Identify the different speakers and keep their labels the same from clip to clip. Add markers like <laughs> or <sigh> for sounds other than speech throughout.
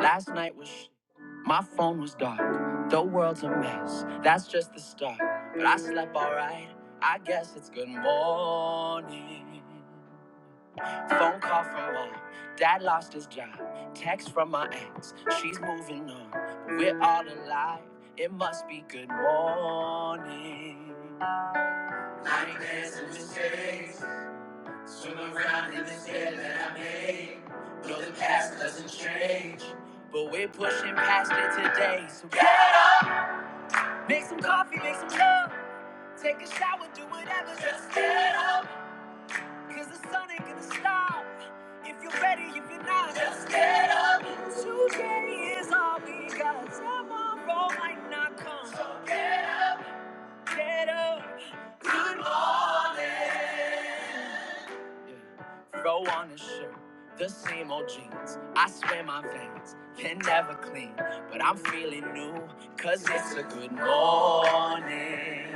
Speaker 1: Last night was sh- my phone was dark. The world's a mess. That's just the start. But I slept alright. I guess it's good morning. Phone call from mom. Dad lost his job. Text from my ex. She's moving on. But we're all alive. It must be good morning. Nightmares and mistakes. Swim around in the sand that I made. Though the past doesn't change. But we're pushing past it today. So get up. Make some coffee, make some love. Take a shower, do whatever. Just get up. Cause the sun ain't gonna stop. If you're ready, if you're not, just get up. Today is all we got. Tomorrow might not come. So get up. Get up. Good morning. Throw on a shirt, the same old jeans. I swear my veins can never clean, but I'm feeling new, cause it's a good morning.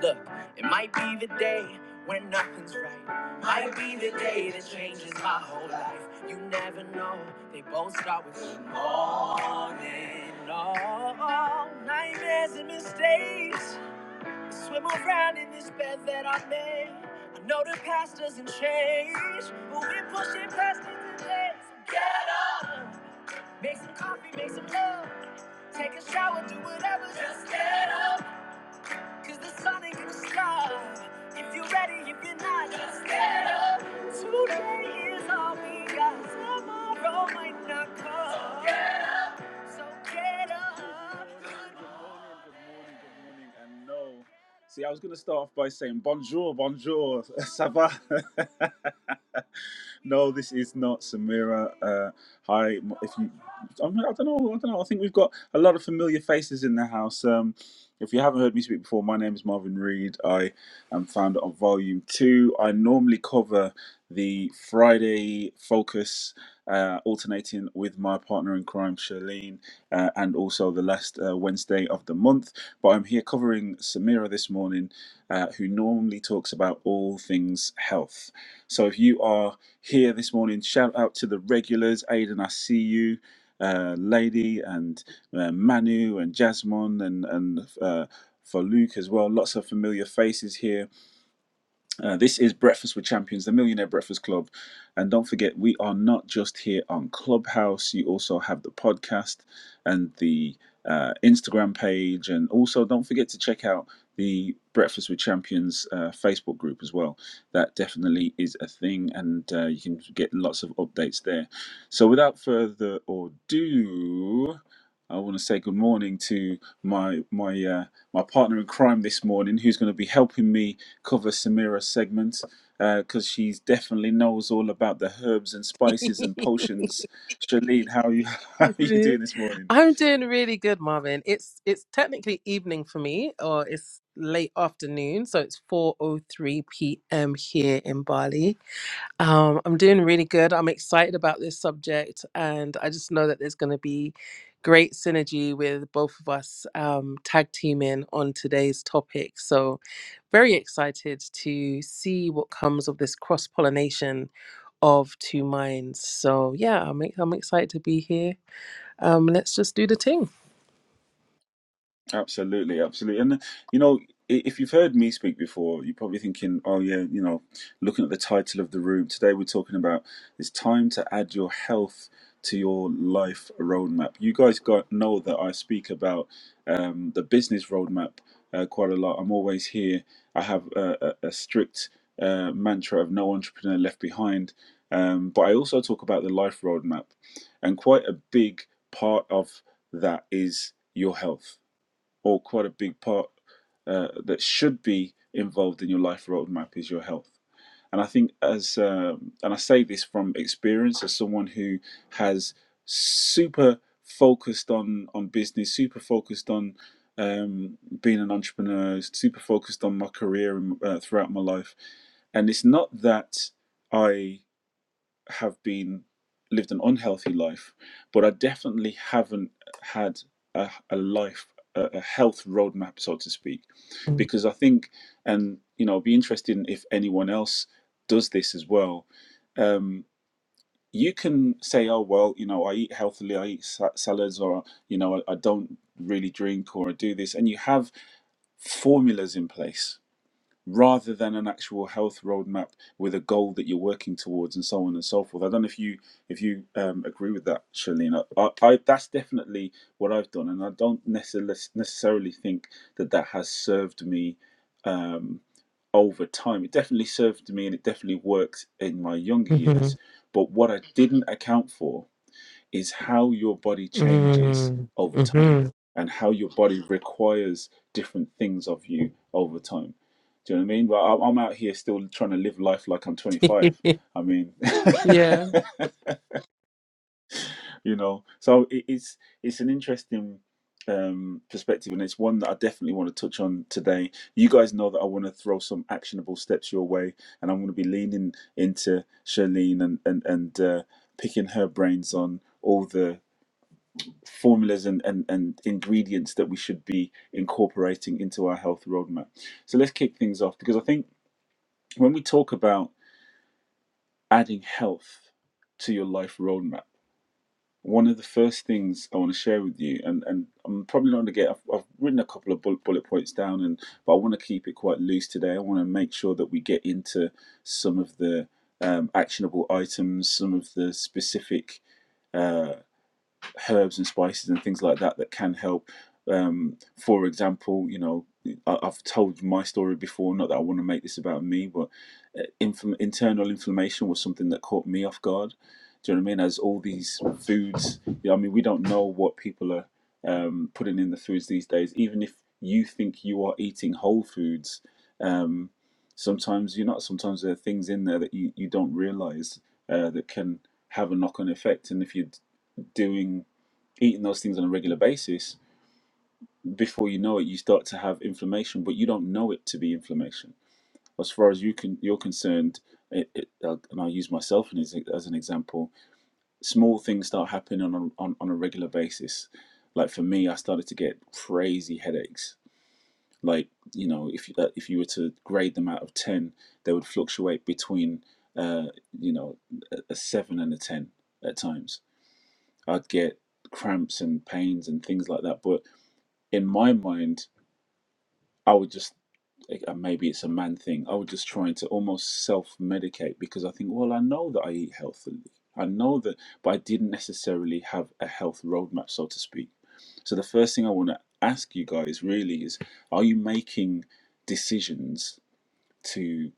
Speaker 1: Look, it might be the day when nothing's right. Might be the day that changes my whole life. You never know, they both start with good morning. Oh, nightmares and mistakes. Swim around in this bed that I made. I know the past doesn't change, but we're pushing past it today. So get up, make some coffee, make some love, take a shower, do whatever. Just get up, cause the sun ain't gonna stop. If you're ready, if you're not, just get up. Today is all we got. Tomorrow might not come. So Get so get up. Good morning, good morning, good morning, and no. See, I was going to start off by saying bonjour, bonjour, ça va? <laughs> No, this is not Samira. Uh, hi, if you, I mean, I don't know, I don't know. I think we've got a lot of familiar faces in the house. Um, if you haven't heard me speak before, my name is Marvin Reed. I am founder of Volume Two. I normally cover the Friday focus, uh, alternating with my partner in crime, Charlene, uh, and also the last uh, Wednesday of the month. But I'm here covering Samira this morning, uh, who normally talks about all things health. So if you are here this morning. Shout out to the regulars, Aidan, I see you, uh, Lady, and uh, Manu, and Jasmine, and and uh, for Luke as well. Lots of familiar faces here uh, this is Breakfast with Champions, the Millionaire Breakfast Club. And don't forget, we are not just here on Clubhouse. You also have the podcast and the uh, Instagram page. And also, don't forget to check out the Breakfast with Champions uh, Facebook group as well. That definitely is a thing, and uh, you can get lots of updates there. So, without further ado, I want to say good morning to my my uh, my partner in crime this morning, who's going to be helping me cover Samira's segment because uh, she definitely knows all about the herbs and spices and
Speaker 2: <laughs>
Speaker 1: potions. Shaleen, how are you? <laughs> How are you doing this morning?
Speaker 2: I'm doing really good, Marvin. It's it's technically evening for me, or it's late afternoon, so it's 4:03 p.m. here in Bali. Um, I'm doing really good. I'm excited about this subject, and I just know that there's going to be great synergy with both of us um, tag teaming on today's topic. So very excited to see what comes of this cross pollination of two minds. So yeah, I'm I'm excited to be here Um, let's just do the thing.
Speaker 1: Absolutely, absolutely. And you know, i- if you've heard me speak before, you're probably thinking, oh yeah, you know, looking at the title of the room today, we're talking about it's time to add your health to your life roadmap. You guys got know that I speak about um, the business roadmap uh, quite a lot. I'm always here. I have a, a, a strict uh, mantra of no entrepreneur left behind, um, but I also talk about the life roadmap, and quite a big part of that is your health or quite a big part uh, that should be involved in your life roadmap is your health. And I think, as um, and I say this from experience, as someone who has super focused on on business, super focused on um, being an entrepreneur, super focused on my career uh, throughout my life. And it's not that I have been lived an unhealthy life, but I definitely haven't had a, a life, a, a health roadmap, so to speak, because I think, and you know, I'd be interested in if anyone else does this as well. Um, you can say, oh well, you know, I eat healthily, I eat sa- salads, or you know, I, I don't really drink, or I do this, and you have formulas in place rather than an actual health roadmap with a goal that you're working towards and so on and so forth. I don't know if you if you um, agree with that, Charlene. I, I that's definitely what I've done, and I don't necessarily necessarily think that that has served me um, over time. It definitely served me, and it definitely worked in my younger
Speaker 2: Mm-hmm.
Speaker 1: years. But what I didn't account for is how your body changes over time
Speaker 2: Mm-hmm.
Speaker 1: and how your body requires different things of you over time. Do you know what I mean? Well, I'm out here still trying to live life like I'm
Speaker 2: <laughs>
Speaker 1: 25. I mean, <laughs>
Speaker 2: yeah.
Speaker 1: you know, so it- it's it's an interesting um, perspective, and it's one that I definitely want to touch on today. You guys know that I want to throw some actionable steps your way, and I'm going to be leaning into Charlene and and and uh, picking her brains on all the formulas and, and, and ingredients that we should be incorporating into our health roadmap. So let's kick things off because I think when we talk about adding health to your life roadmap, one of the first things I want to share with you, and, and I'm probably not going to get, I've, I've written a couple of bullet, bullet points down, and but I want to keep it quite loose today. I want to make sure that we get into some of the um, actionable items, some of the specific uh, herbs and spices and things like that that can help. Um, for example, you know, I, I've told my story before, not that I want to make this about me, but uh, internal inflammation was something that caught me off guard. Do you know what I mean? As all these foods, you know, I mean, we don't know what people are um, putting in the foods these days. Even if you think you are eating whole foods, um, sometimes you're not. Sometimes there are things in there that you, you don't realize uh, that can have a knock on effect. And if you're doing eating those things on a regular basis, before you know it, you start to have inflammation, but you don't know it to be inflammation. As far as you can, you're concerned, it, it, uh, and I'll use myself as, as an example. Small things start happening on on, on a regular basis. Like for me, I started to get crazy headaches. Like you know, if you, uh, if you were to grade them out of ten, they would fluctuate between uh, you know a seven and a ten at times. I'd get cramps and pains and things like that, but in my mind, I would just, and maybe it's a man thing, I would just trying to almost self medicate because I think, well, I know that I eat healthily. I know that, but I didn't necessarily have a health roadmap, so to speak. So the first thing I want to ask you guys really is are you making decisions to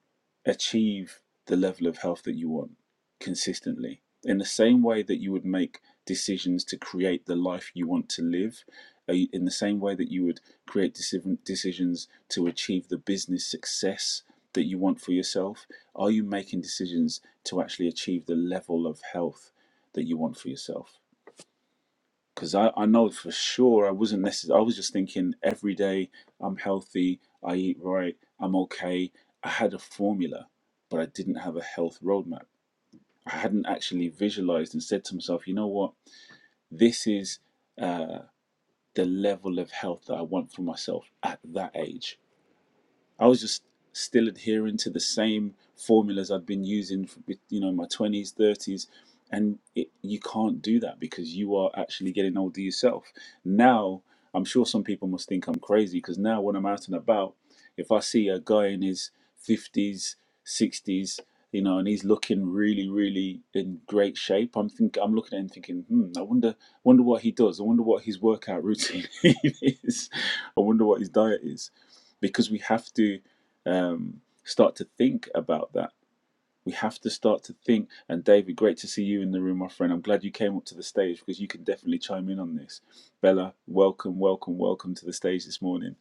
Speaker 1: achieve the level of health that you want consistently. In the same way that you would make decisions to create the life you want to live, uh, in the same way that you would create decision- decisions to achieve the business success that you want for yourself, are you making decisions to actually achieve the level of health that you want for yourself? because I, I know for sure I wasn't necessarily, I was just thinking every day I'm healthy, I eat right, I'm okay. I had a formula, but I didn't have a health roadmap. I hadn't actually visualized and said to myself, you know what, this is uh, the level of health that I want for myself at that age I was just still adhering to the same formulas I'd been using, for, you know, my twenties, thirties, and it, you can't do that because you are actually getting older yourself. Now, I'm sure some people must think I'm crazy because now when I'm out and about, if I see a guy in his fifties, sixties, you know, and he's looking really, really in great shape. I'm think I'm looking at him thinking, hmm, I wonder, wonder what he does. I wonder what his workout routine <laughs> is. I wonder what his diet is because we have to um, start to think about that. We have to start to think. And David, great to see you in the room, my friend. I'm glad you came up to the stage because you can definitely chime in on this. Bella, welcome, welcome, welcome to the stage this morning.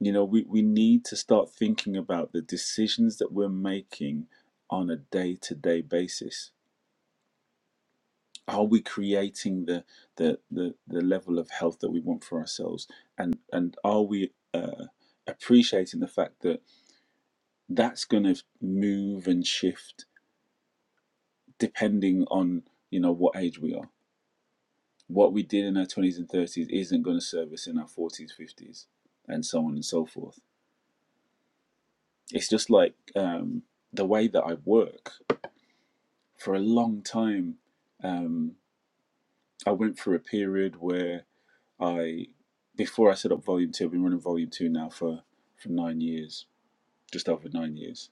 Speaker 1: You know, we, we need to start thinking about the decisions that we're making on a day to day basis. Are we creating the, the the the level of health that we want for ourselves? And and are we uh, appreciating the fact that that's going to move and shift depending on you know what age we are what we did in our 20s and 30s isn't going to serve us in our 40s 50s and so on and so forth it's just like um, the way that i work for a long time um, i went through a period where i before i set up volume 2 i've been running volume 2 now for for nine years just over nine years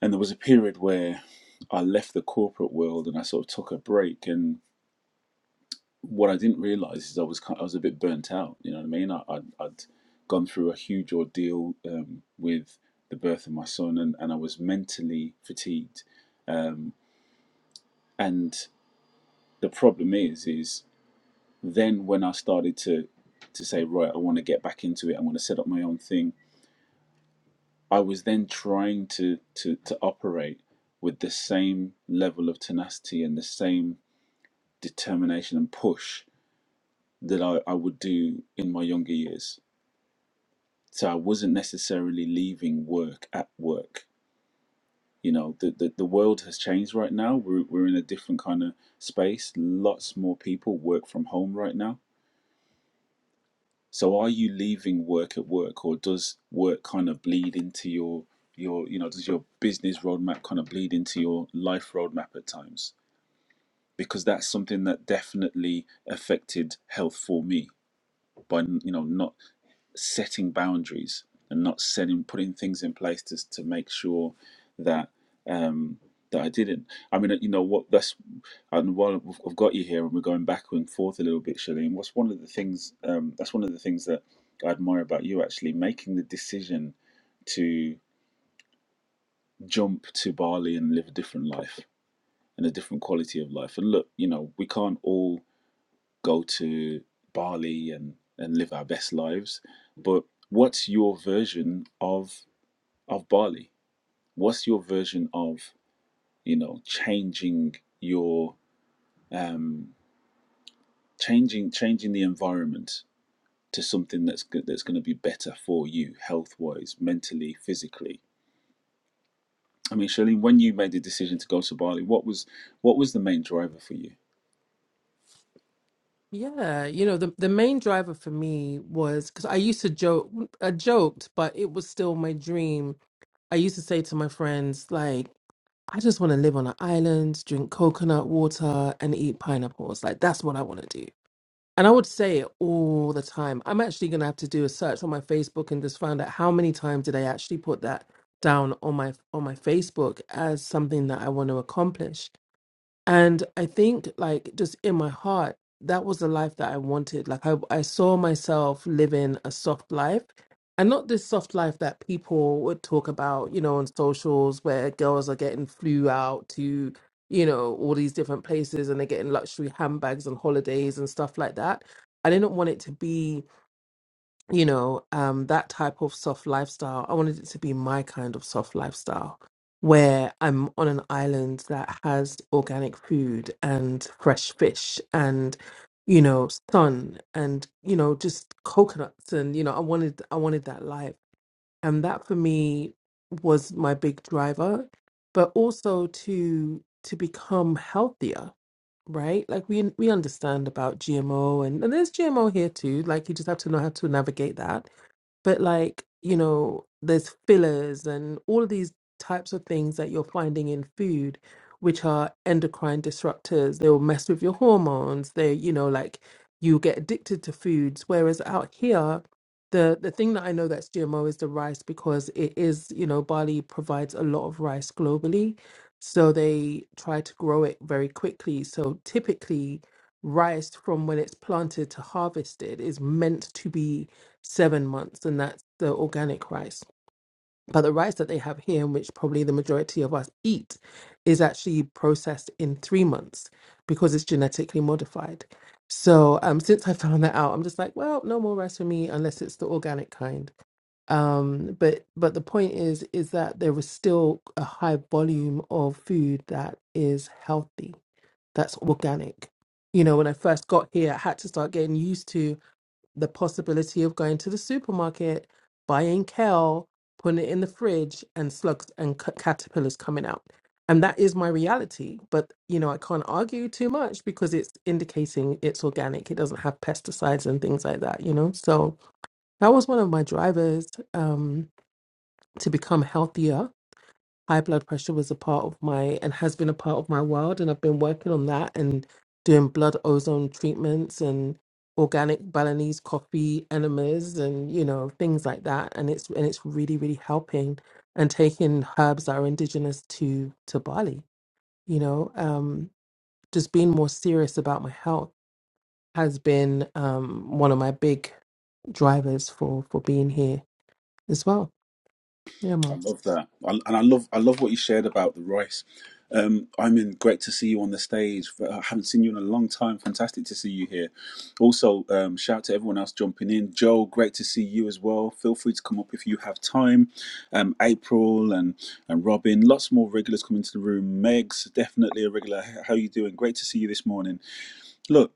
Speaker 1: and there was a period where i left the corporate world and i sort of took a break and what I didn't realize is I was kind I was a bit burnt out. You know what I mean? I, I'd, I'd gone through a huge ordeal um, with the birth of my son, and, and I was mentally fatigued. Um, and the problem is, is then when I started to to say, right, I want to get back into it. I want to set up my own thing. I was then trying to to to operate with the same level of tenacity and the same determination and push that I, I would do in my younger years so I wasn't necessarily leaving work at work. You know, the, the, the world has changed right now. We're, we're in a different kind of space. Lots more people work from home right now. So are you leaving work at work or does work kind of bleed into your your you know, does your business roadmap kind of bleed into your life roadmap at times? Because that's something that definitely affected health for me by you know not setting boundaries and not setting putting things in place to to make sure that um that I didn't. I mean, you know what? That's and while I've I've got you here, and we're going back and forth a little bit, Shalene. What's one of the things? Um, that's one of the things that I admire about you, actually, making the decision to jump to Bali and live a different life and a different quality of life. And look, you know, we can't all go to Bali and and live our best lives. But what's your version of of Bali? What's your version of you know changing your um, changing changing the environment to something that's go- that's going to be better for you health wise, mentally, physically? I mean, Charlene, when you made the decision to go to Bali, what was what was the main driver for you?
Speaker 2: Yeah, you know, the, the main driver for me was because I used to joke, I joked, but it was still my dream. I used to say to my friends, like, I just want to live on an island, drink coconut water, and eat pineapples. Like, that's what I want to do. And I would say it all the time. I'm actually going to have to do a search on my Facebook and just find out how many times did I actually put that down on my on my Facebook as something that I want to accomplish. And I think, like, just in my heart, that was the life that I wanted. Like, I, I saw myself living a soft life and not this soft life that people would talk about, you know, on socials where girls are getting flew out to, you know, all these different places and they're getting luxury handbags and holidays and stuff like that. I didn't want it to be you know, um, that type of soft lifestyle. I wanted it to be my kind of soft lifestyle where I'm on an island that has organic food and fresh fish and, you know, sun and, you know, just coconuts and, you know, I wanted I wanted that life. And that for me was my big driver, but also to to become healthier, right? Like we we understand about GMO and, and there's GMO here too. Like you just have to know how to navigate that but like you know there's fillers and all of these types of things that you're finding in food which are endocrine disruptors they will mess with your hormones they you know like you get addicted to foods whereas out here the the thing that i know that's gmo is the rice because it is you know bali provides a lot of rice globally so they try to grow it very quickly so typically rice from when it's planted to harvested is meant to be seven months, and that's the organic rice. But the rice that they have here, and which probably the majority of us eat, is actually processed in three months because it's genetically modified. So um, since I found that out, I'm just like, well, no more rice for me unless it's the organic kind. Um, but but the point is, is that there is still a high volume of food that is healthy, that's organic. You know, when I first got here, I had to start getting used to the possibility of going to the supermarket, buying kale, putting it in the fridge, and slugs and c- caterpillars coming out. And that is my reality. But, you know, I can't argue too much because it's indicating it's organic. It doesn't have pesticides and things like that, you know? So that was one of my drivers um, to become healthier high blood pressure was a part of my and has been a part of my world and I've been working on that and doing blood ozone treatments and organic Balinese coffee enemas and you know things like that and it's and it's really really helping and taking herbs that are indigenous to to Bali you know um just being more serious about my health has been um one of my big drivers for for being here as well yeah
Speaker 1: I
Speaker 2: Miles.
Speaker 1: love that, I, and I love I love what you shared about the rice. Um, I mean, great to see you on the stage. I haven't seen you in a long time. Fantastic to see you here. Also, um, shout out to everyone else jumping in. Joel, great to see you as well. Feel free to come up if you have time. Um, April and and Robin, lots more regulars coming to the room. Meg's definitely a regular. H- How you doing? Great to see you this morning. Look,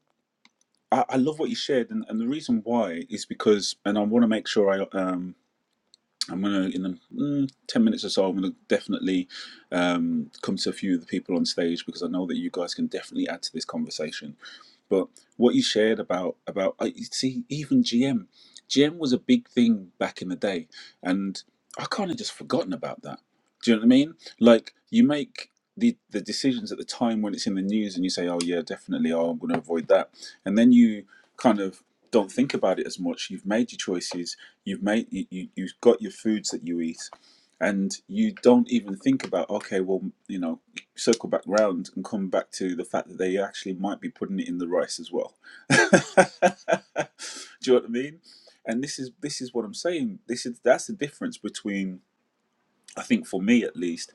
Speaker 1: I, I love what you shared, and, and the reason why is because, and I want to make sure I um I'm gonna in the mm, ten minutes or so. I'm gonna definitely um, come to a few of the people on stage because I know that you guys can definitely add to this conversation. But what you shared about about I see even GM, GM was a big thing back in the day, and I kind of just forgotten about that. Do you know what I mean? Like you make the the decisions at the time when it's in the news, and you say, "Oh yeah, definitely. Oh, I'm gonna avoid that," and then you kind of don't think about it as much. You've made your choices. You've made you, you you've got your foods that you eat, and you don't even think about okay, well, you know, circle back round and come back to the fact that they actually might be putting it in the rice as well. <laughs> Do you know what I mean? And this is this is what I'm saying. This is that's the difference between I think for me at least,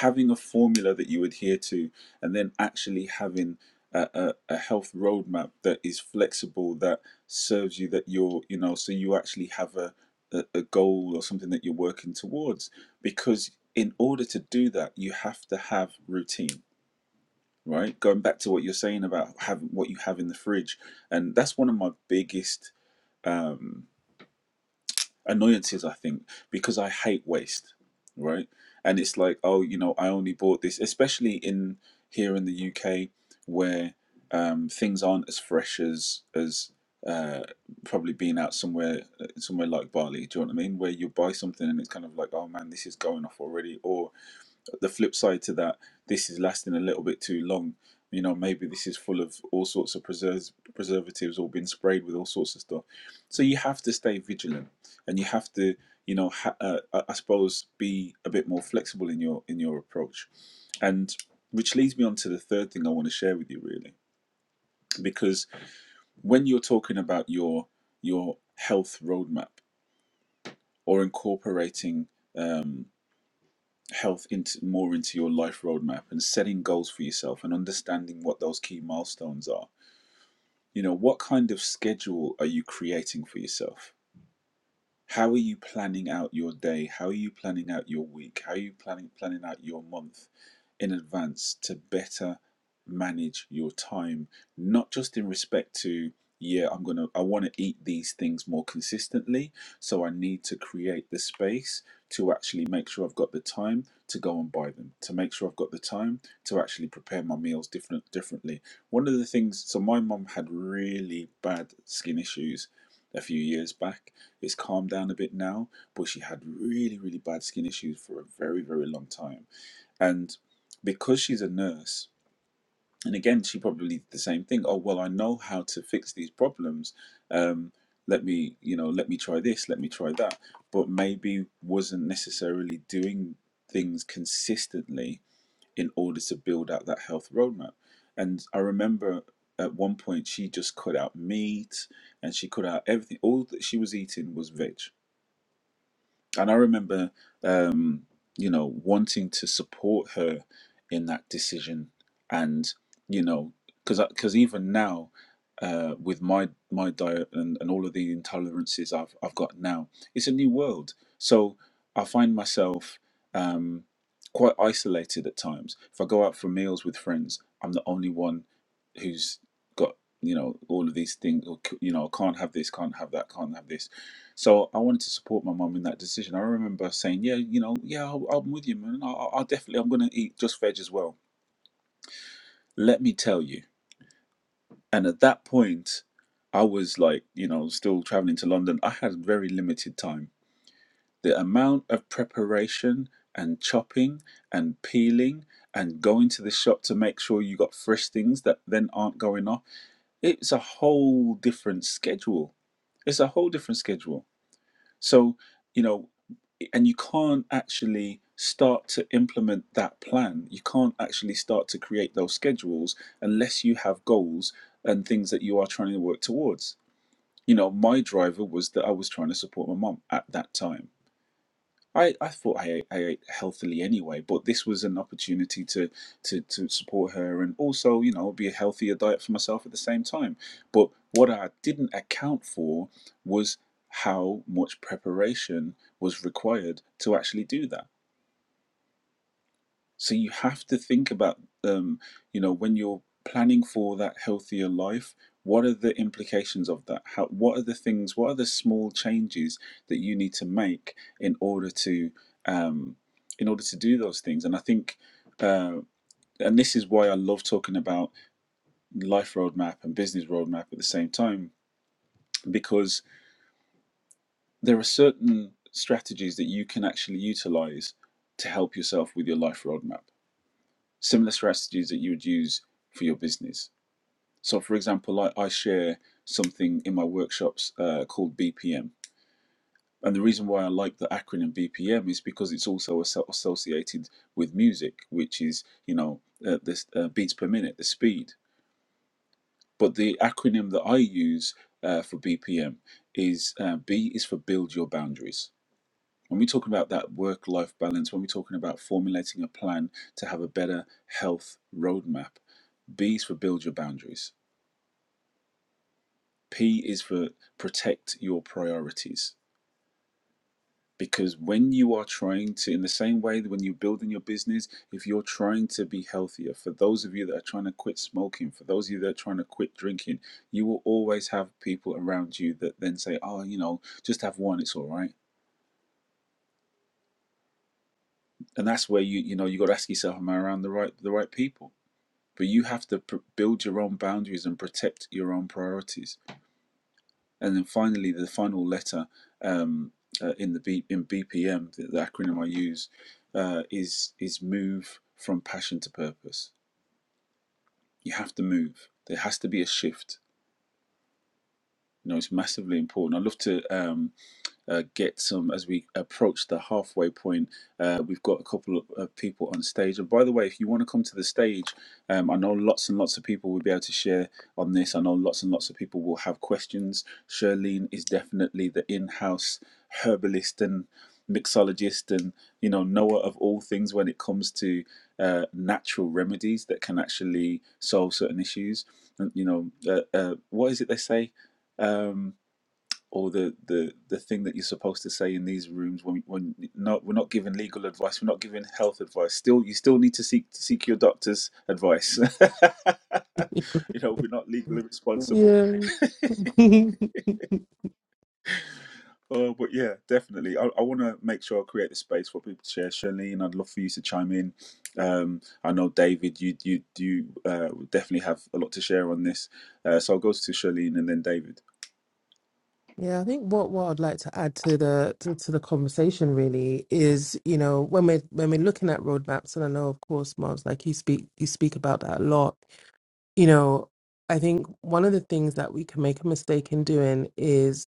Speaker 1: having a formula that you adhere to, and then actually having a, a, a health roadmap that is flexible, that serves you, that you're, you know, so you actually have a, a, a goal or something that you're working towards. Because in order to do that, you have to have routine, right? Going back to what you're saying about having what you have in the fridge, and that's one of my biggest. Um, annoyances i think because i hate waste right and it's like oh you know i only bought this especially in here in the uk where um, things aren't as fresh as as uh, probably being out somewhere somewhere like bali do you know what i mean where you buy something and it's kind of like oh man this is going off already or but the flip side to that, this is lasting a little bit too long. You know, maybe this is full of all sorts of preserves, preservatives or been sprayed with all sorts of stuff. So you have to stay vigilant, and you have to, you know, ha- uh, I suppose, be a bit more flexible in your in your approach. And which leads me on to the third thing I want to share with you, really, because when you're talking about your your health roadmap or incorporating um. health into more into your life roadmap and setting goals for yourself and understanding what those key milestones are. You know, what kind of schedule are you creating for yourself? How are you planning out your day? How are you planning out your week? How are you planning planning out your month in advance to better manage your time? Not just in respect to, yeah, I'm gonna I wanna eat these things more consistently, so I need to create the space to actually make sure I've got the time to go and buy them, to make sure I've got the time to actually prepare my meals different differently. One of the things so my mum had really bad skin issues a few years back it's calmed down a bit now, but she had really, really bad skin issues for a very, very long time. And because she's a nurse, and again, she probably did the same thing. Oh well, I know how to fix these problems. Um, let me, you know, let me try this, let me try that. But maybe wasn't necessarily doing things consistently in order to build out that health roadmap. And I remember at one point she just cut out meat and she cut out everything. All that she was eating was veg and I remember, um, you know, wanting to support her in that decision, and you know, because because even now, uh, with my my diet and, and all of the intolerances I've I've got now, it's a new world. So I find myself um, quite isolated at times. If I go out for meals with friends, I'm the only one who's got you know all of these things. Or, c- you know, can't have this, can't have that, can't have this so I wanted to support my mum in that decision. I remember saying, "Yeah, you know, yeah, I'll, I'm with you, man. I'll, I'll definitely, I'm gonna eat just veg as well." Let me tell you. And at that point, I was like, you know, still traveling to London. I had very limited time. The amount of preparation and chopping and peeling and going to the shop to make sure you got fresh things that then aren't going off. It's a whole different schedule. It's a whole different schedule. So, you know, and you can't actually start to implement that plan. You can't actually start to create those schedules unless you have goals and things that you are trying to work towards. You know, my driver was that I was trying to support my mom at that time I, I thought I ate, I ate healthily anyway, but this was an opportunity to, to, to support her and also, you know, be a healthier diet for myself at the same time. But what I didn't account for was how much preparation was required to actually do that. So you have to think about, um, you know, when you're planning for that healthier life, what are the implications of that? How, what are the things? What are the small changes that you need to make in order to, um, in order to do those things? And I think, uh, and this is why I love talking about life roadmap and business roadmap at the same time, because there are certain strategies that you can actually utilize to help yourself with your life roadmap similar strategies that you would use for your business. So, for example, I, I share something in my workshops uh, called BPM. And the reason why I like the acronym BPM is because it's also associated with music, which is, you know, uh, this uh, beats per minute, the speed. But the acronym that I use uh, for BPM is uh, B is for build your boundaries. When we're talking about that work life balance, when we're talking about formulating a plan to have a better health roadmap, B is for build your boundaries. P is for protect your priorities. Because when you are trying to, in the same way that when you're building your business, if you're trying to be healthier, for those of you that are trying to quit smoking, for those of you that are trying to quit drinking, you will always have people around you that then say, oh, you know, just have one, it's all right. And that's where you, you know, you got to ask yourself, am I around the right, the right people? but you have to pr- build your own boundaries and protect your own priorities. And then finally, the final letter um, uh, in the B- in BPM, the, the acronym I use, uh, is is move from passion to purpose. You have to move. There has to be a shift. You know, it's massively important. I love to. Um, uh, get some as we approach the halfway point. Uh, we've got a couple of of people on stage. And by the way, if you want to come to the stage, um, I know lots and lots of people will be able to share on this. I know lots and lots of people will have questions. Shirlene is definitely the in house herbalist and mixologist and you know knower of all things when it comes to uh, natural remedies that can actually solve certain issues and you know uh, uh, what is it they say Um, or the, the, the thing that you're supposed to say in these rooms when when not we're not giving legal advice, we're not giving health advice. Still, you still need to seek to seek your doctor's advice. <laughs> you know, we're not legally responsible.
Speaker 2: yeah
Speaker 1: <laughs>
Speaker 2: <laughs>
Speaker 1: Oh, but yeah, definitely. I, I want to make sure I create the space for people to share. Charlene, I'd love for you to chime in. Um, I know David, you you you uh, definitely have a lot to share on this. Uh, so I'll go to Charlene and then David.
Speaker 2: Yeah, I think what, what I'd like to add to the to, to the conversation really is, you know, when we're when we're looking at roadmaps, and I know of course, Mars, like you speak you speak about that a lot, you know, I think one of the things that we can make a mistake in doing is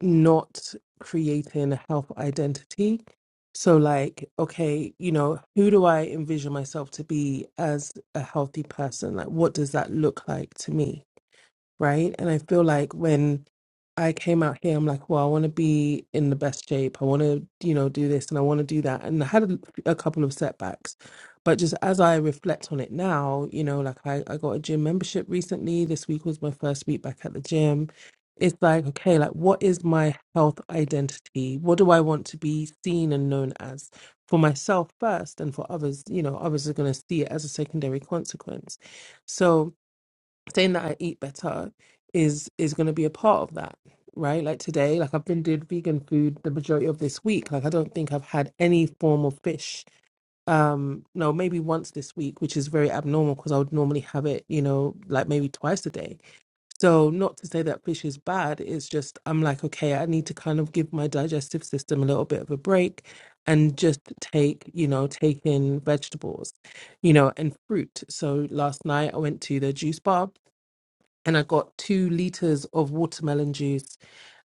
Speaker 2: not creating a health identity. So like, okay, you know, who do I envision myself to be as a healthy person? Like what does that look like to me? right? And I feel like when I came out here, I'm like, well, I want to be in the best shape. I want to, you know, do this and I want to do that. And I had a, a couple of setbacks. But just as I reflect on it now, you know, like I, I got a gym membership recently. This week was my first week back at the gym. It's like, okay, like what is my health identity? What do I want to be seen and known as for myself first and for others? You know, others are going to see it as a secondary consequence. So, saying that I eat better is is going to be a part of that, right? Like today, like I've been doing vegan food the majority of this week. Like I don't think I've had any form of fish. Um, no, maybe once this week, which is very abnormal because I would normally have it, you know, like maybe twice a day. So not to say that fish is bad. It's just I'm like, okay, I need to kind of give my digestive system a little bit of a break and just take, you know, take in vegetables, you know, and fruit. So last night I went to the juice bar and I got two liters of watermelon juice,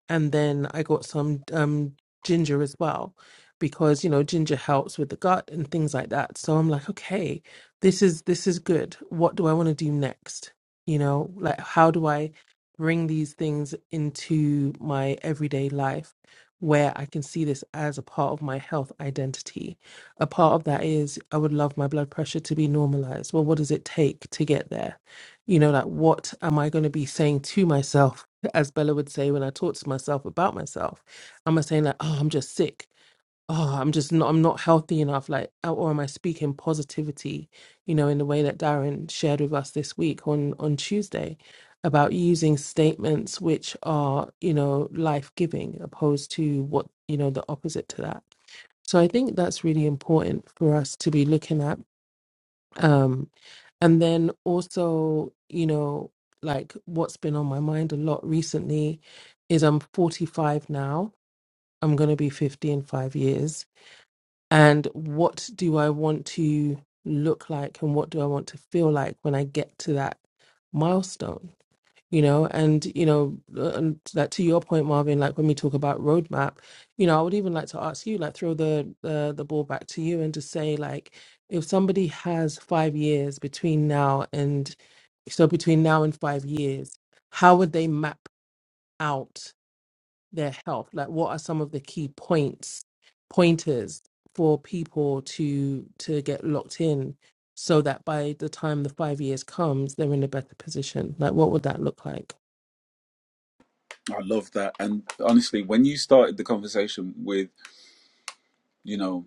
Speaker 2: and then I got some um, ginger as well, because you know ginger helps with the gut and things like that. So I'm like, okay, this is this is good. What do I want to do next? You know, like how do I bring these things into my everyday life? Where I can see this as a part of my health identity. A part of that is I would love my blood pressure to be normalized. Well, what does it take to get there? You know, like, what am I going to be saying to myself? <laughs> As Bella would say, when I talk to myself about myself, am I saying, like, oh, I'm just sick? Oh, I'm just not, I'm not healthy enough. Like, or am I speaking positivity, you know, in the way that Darren shared with us this week on, on Tuesday about using statements which are, you know, life giving opposed to what, you know, the opposite to that. So I think that's really important for us to be looking at. um, and then also, you know, like what's been on my mind a lot recently is I'm 45 now. I'm going to be 50 in five years. And what do I want to look like and what do I want to feel like when I get to that milestone? You know, and, you know, uh, and that to your point, Marvin, like when we talk about roadmap, you know, I would even like to ask you, like throw the, the, the ball back to you and just say, like, if somebody has five years between now and so between now and five years, how would they map out their health? Like, what are some of the key points, pointers for people to to get locked in, so that by the time the five years comes, they're in a better position? Like, what would that look like?
Speaker 1: I love that. And honestly, when you started the conversation with, you know,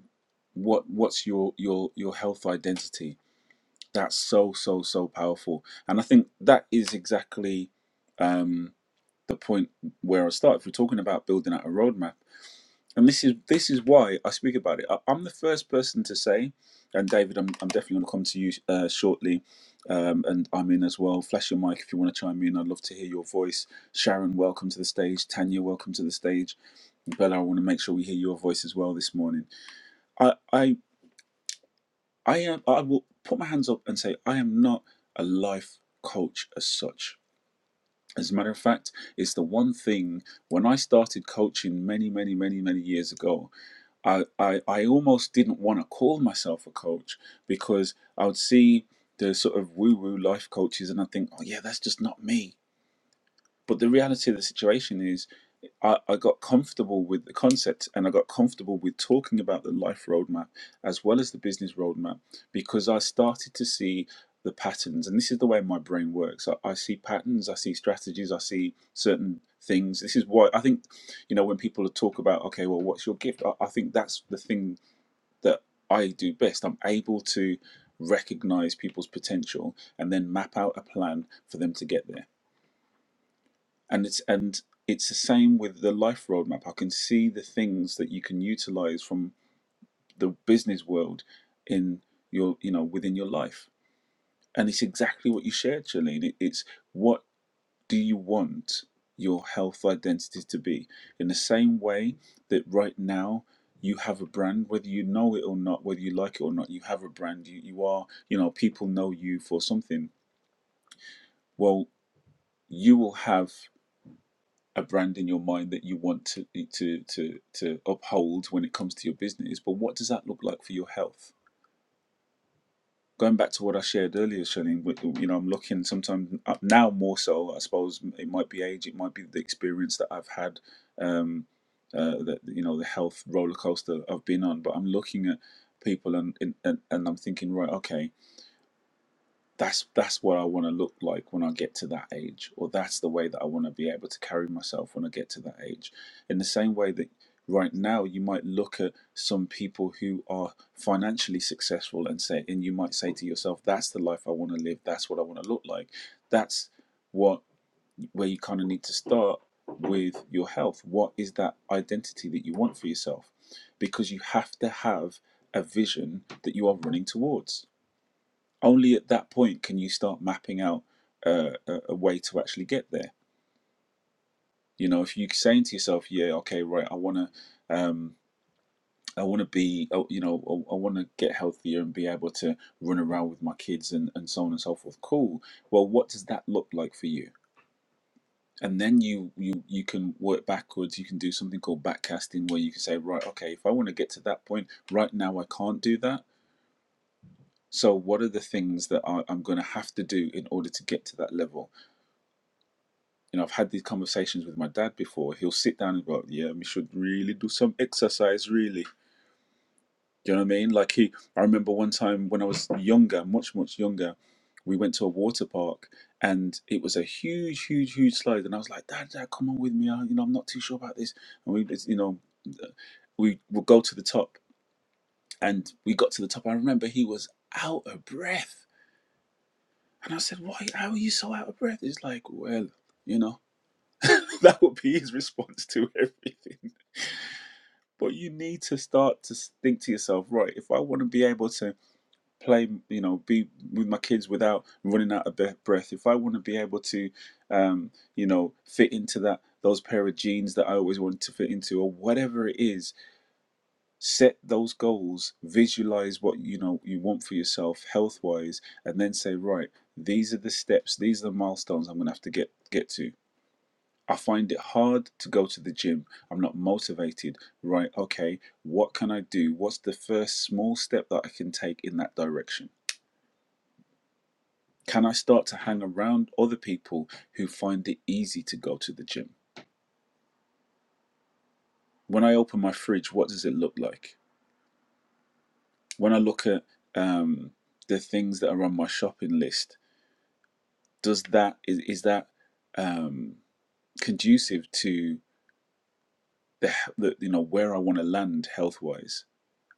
Speaker 1: what what's your your your health identity? That's so so so powerful. And I think that is exactly um, the point where I started. If we're talking about building out a roadmap, and this is this is why I speak about it. I, I'm the first person to say, and David, I'm, I'm definitely going to come to you uh, shortly, um, and I'm in as well. Flash your mic if you want to chime in. I'd love to hear your voice. Sharon, welcome to the stage. Tanya, welcome to the stage. Bella, I want to make sure we hear your voice as well this morning. I I I am I will put my hands up and say I am not a life coach as such. As a matter of fact, it's the one thing when I started coaching many, many, many, many years ago, I, I, I almost didn't want to call myself a coach because I would see the sort of woo woo life coaches and I think, oh, yeah, that's just not me. But the reality of the situation is, I, I got comfortable with the concept and I got comfortable with talking about the life roadmap as well as the business roadmap because I started to see the patterns. And this is the way my brain works I, I see patterns, I see strategies, I see certain things. This is why I think, you know, when people talk about, okay, well, what's your gift? I, I think that's the thing that I do best. I'm able to recognize people's potential and then map out a plan for them to get there and it's and it's the same with the life roadmap. I can see the things that you can utilize from the business world in your you know within your life, and it's exactly what you shared, Charlene. It, it's what do you want your health identity to be? In the same way that right now you have a brand, whether you know it or not, whether you like it or not, you have a brand. You you are you know people know you for something. Well, you will have. a brand in your mind that you want to eh, to to to uphold when it comes to your business. But what does that look like for your health? Going back to what I shared earlier, Shalene, you know, I'm looking sometimes up now more so. I suppose it might be age, it might be the experience that I've had, um, uh, that you know, the health roller coaster I've been on. But I'm looking at people and and and I'm thinking, right, okay, that's that's what I want to look like when I get to that age, or that's the way that I want to be able to carry myself when I get to that age. In the same way that right now you might look at some people who are financially successful and say, and you might say to yourself, "That's the life I want to live. That's what I want to look like." That's what where you kind of need to start with your health. What is that identity that you want for yourself? Because you have to have a vision that you are running towards only at that point can you start mapping out uh, a, a way to actually get there. You know, if you're saying to yourself, "Yeah, okay, right, I want to, um, I want to be, oh, you know, I, I want to get healthier and be able to run around with my kids and and so on and so forth." Cool. Well, what does that look like for you? And then you you you can work backwards. You can do something called backcasting, where you can say, "Right, okay, if I want to get to that point, right now I can't do that." So, what are the things that I, I'm going to have to do in order to get to that level? you know, I've had these conversations with my dad before. He'll sit down and go, "Yeah, we should really do some exercise, really." Do you know what I mean? Like he, I remember one time when I was younger, much much younger, we went to a water park and it was a huge, huge, huge slide, and I was like, "Dad, dad, come on with me. I, you know, I'm not too sure about this." And we, it's- you know, we would go to the top, and we got to the top. I remember he was out of breath, and I said, "Why? How are you so out of breath?" He's like, "Well, you know." <laughs> That would be his response to everything But you need to start to think to yourself, right? If I want to be able to play, you know, be with my kids without running out of breath, if I want to be able to, um, you know, fit into that those pair of jeans that I always wanted to fit into, or whatever it is, set those goals, visualize what you know you want for yourself health wise, and then say, right, these are the steps, these are the milestones I'm gonna have to get get to I find it hard to go to the gym. I'm not motivated. Right, okay, what can I do? What's the first small step that I can take in that direction? Can I start to hang around other people who find it easy to go to the gym? When I open my fridge, what does it look like? When I look at um, the things that are on my shopping list, does that is, is that um, conducive to the, the you know where I want to land health wise?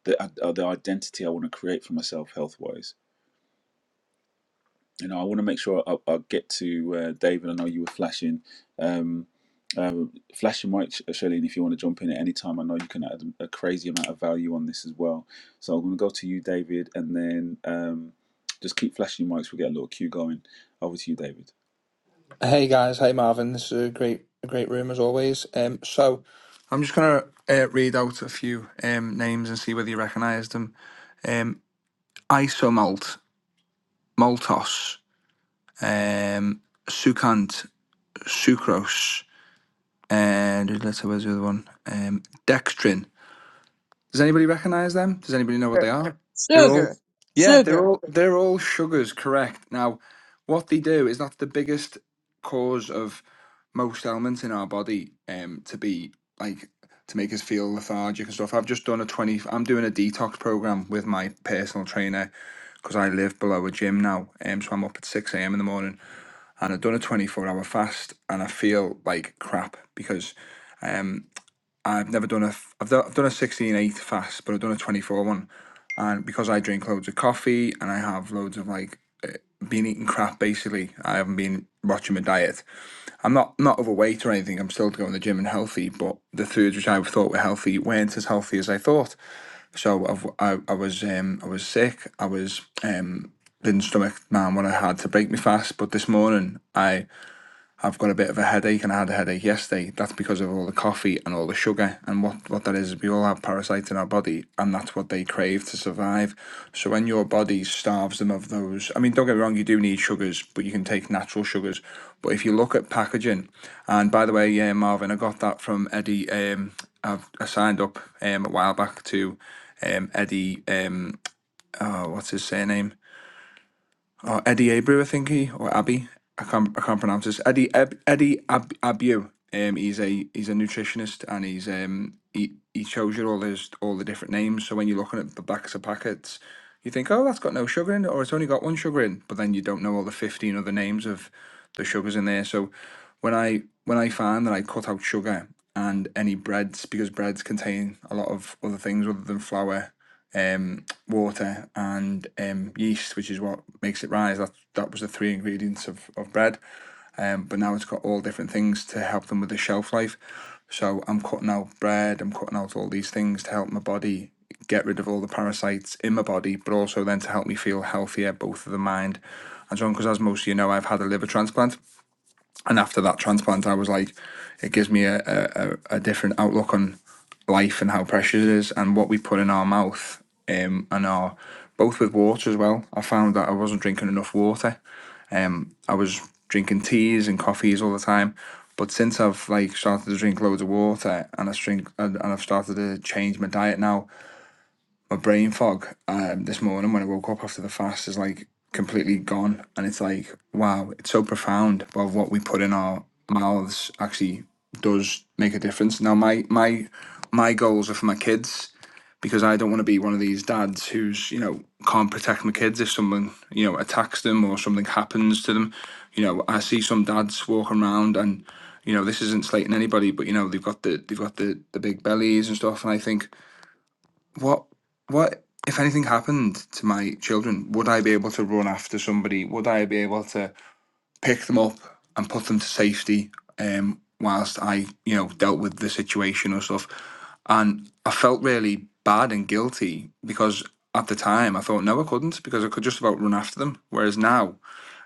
Speaker 1: the uh, uh, the identity I want to create for myself health wise. You know, I want to make sure I, I get to uh, David. I know you were flashing, um, um flashing Mike Shirley, and if you want to jump in at any time, I know you can add a crazy amount of value on this as well. So I'm going to go to you, David, and then um, just keep flashing your mics. We'll get a little queue going. Over to you, David.
Speaker 3: Hey guys, hey Marvin. This is a great, a great room as always. Um, so I'm just gonna uh, read out a few um names and see whether you recognise them. Um, Isomalt, Maltos, um, Sucant, Sucrose, and let's where's the other one? Um, Dextrin. Does anybody recognise them? Does anybody know what
Speaker 4: sugar,
Speaker 3: they are? They're all,
Speaker 4: sugar,
Speaker 3: yeah, they're
Speaker 4: sugar.
Speaker 3: all they're all sugars. Correct. Now, what they do is that's the biggest cause of most elements in our body um to be like to make us feel lethargic and stuff. I've just done a 20 I'm doing a detox program with my personal trainer because I live below a gym now. Um so I'm up at 6 a.m. in the morning and I've done a 24 hour fast and I feel like crap because um I've never done a f- I've, do, I've done a sixteen-eight fast but I've done a 24 one and because I drink loads of coffee and I have loads of like uh, been eating crap basically I haven't been watching my diet I'm not not overweight or anything. I'm still going to the gym and healthy, but the foods which I thought were healthy weren't as healthy as I thought. So I've, I I was um I was sick. I was um didn't stomach man what I had to break me fast. But this morning I I've got a bit of a headache and I had a headache yesterday. That's because of all the coffee and all the sugar. And what, what that is, is we all have parasites in our body and that's what they crave to survive. So when your body starves them of those, I mean, don't get me wrong, you do need sugars, but you can take natural sugars. But if you look at packaging, and by the way, yeah, Marvin, I got that from Eddie. Um, I've, I signed up um, a while back to um, Eddie, um, oh, what's his surname? or Eddie Abreu, I think he or Abby. I can't I can't pronounce this. Eddie Eb, Eddie Ab, Abreu. Um, he's a he's a nutritionist and he's um he, he shows you all his all the different names. So when you're looking at the backs of packets, you think, oh, that's got no sugar in it, or it's only got one sugar in. But then you don't know all the fifteen other names of the sugars in there. So when I when I find that I cut out sugar and any breads because breads contain a lot of other things other than flour um, water and um, yeast, which is what makes it rise. That that was the three ingredients of, of bread. Um, but now it's got all different things to help them with the shelf life. So I'm cutting out bread. I'm cutting out all these things to help my body get rid of all the parasites in my body, but also then to help me feel healthier, both of the mind and so on. Because as most of you know, I've had a liver transplant and after that transplant, I was like, it gives me a, a- a, different outlook on life and how precious it is and what we put in our mouth um, and our both with water as well. I found that I wasn't drinking enough water. Um, I was drinking teas and coffees all the time, but since I've like started to drink loads of water and I drink and I've started to change my diet now, my brain fog um, this morning when I woke up after the fast is like completely gone, and it's like wow, it's so profound of what we put in our mouths actually does make a difference. Now my my my goals are for my kids because I don't want to be one of these dads who's you know can't protect my kids if someone you know attacks them or something happens to them. You know I see some dads walking around and you know this isn't slating anybody, but you know they've got the they've got the the big bellies and stuff, and I think what what if anything happened to my children would i be able to run after somebody would i be able to pick them up and put them to safety um whilst i you know dealt with the situation or stuff and i felt really bad and guilty because at the time i thought no i couldn't because i could just about run after them whereas now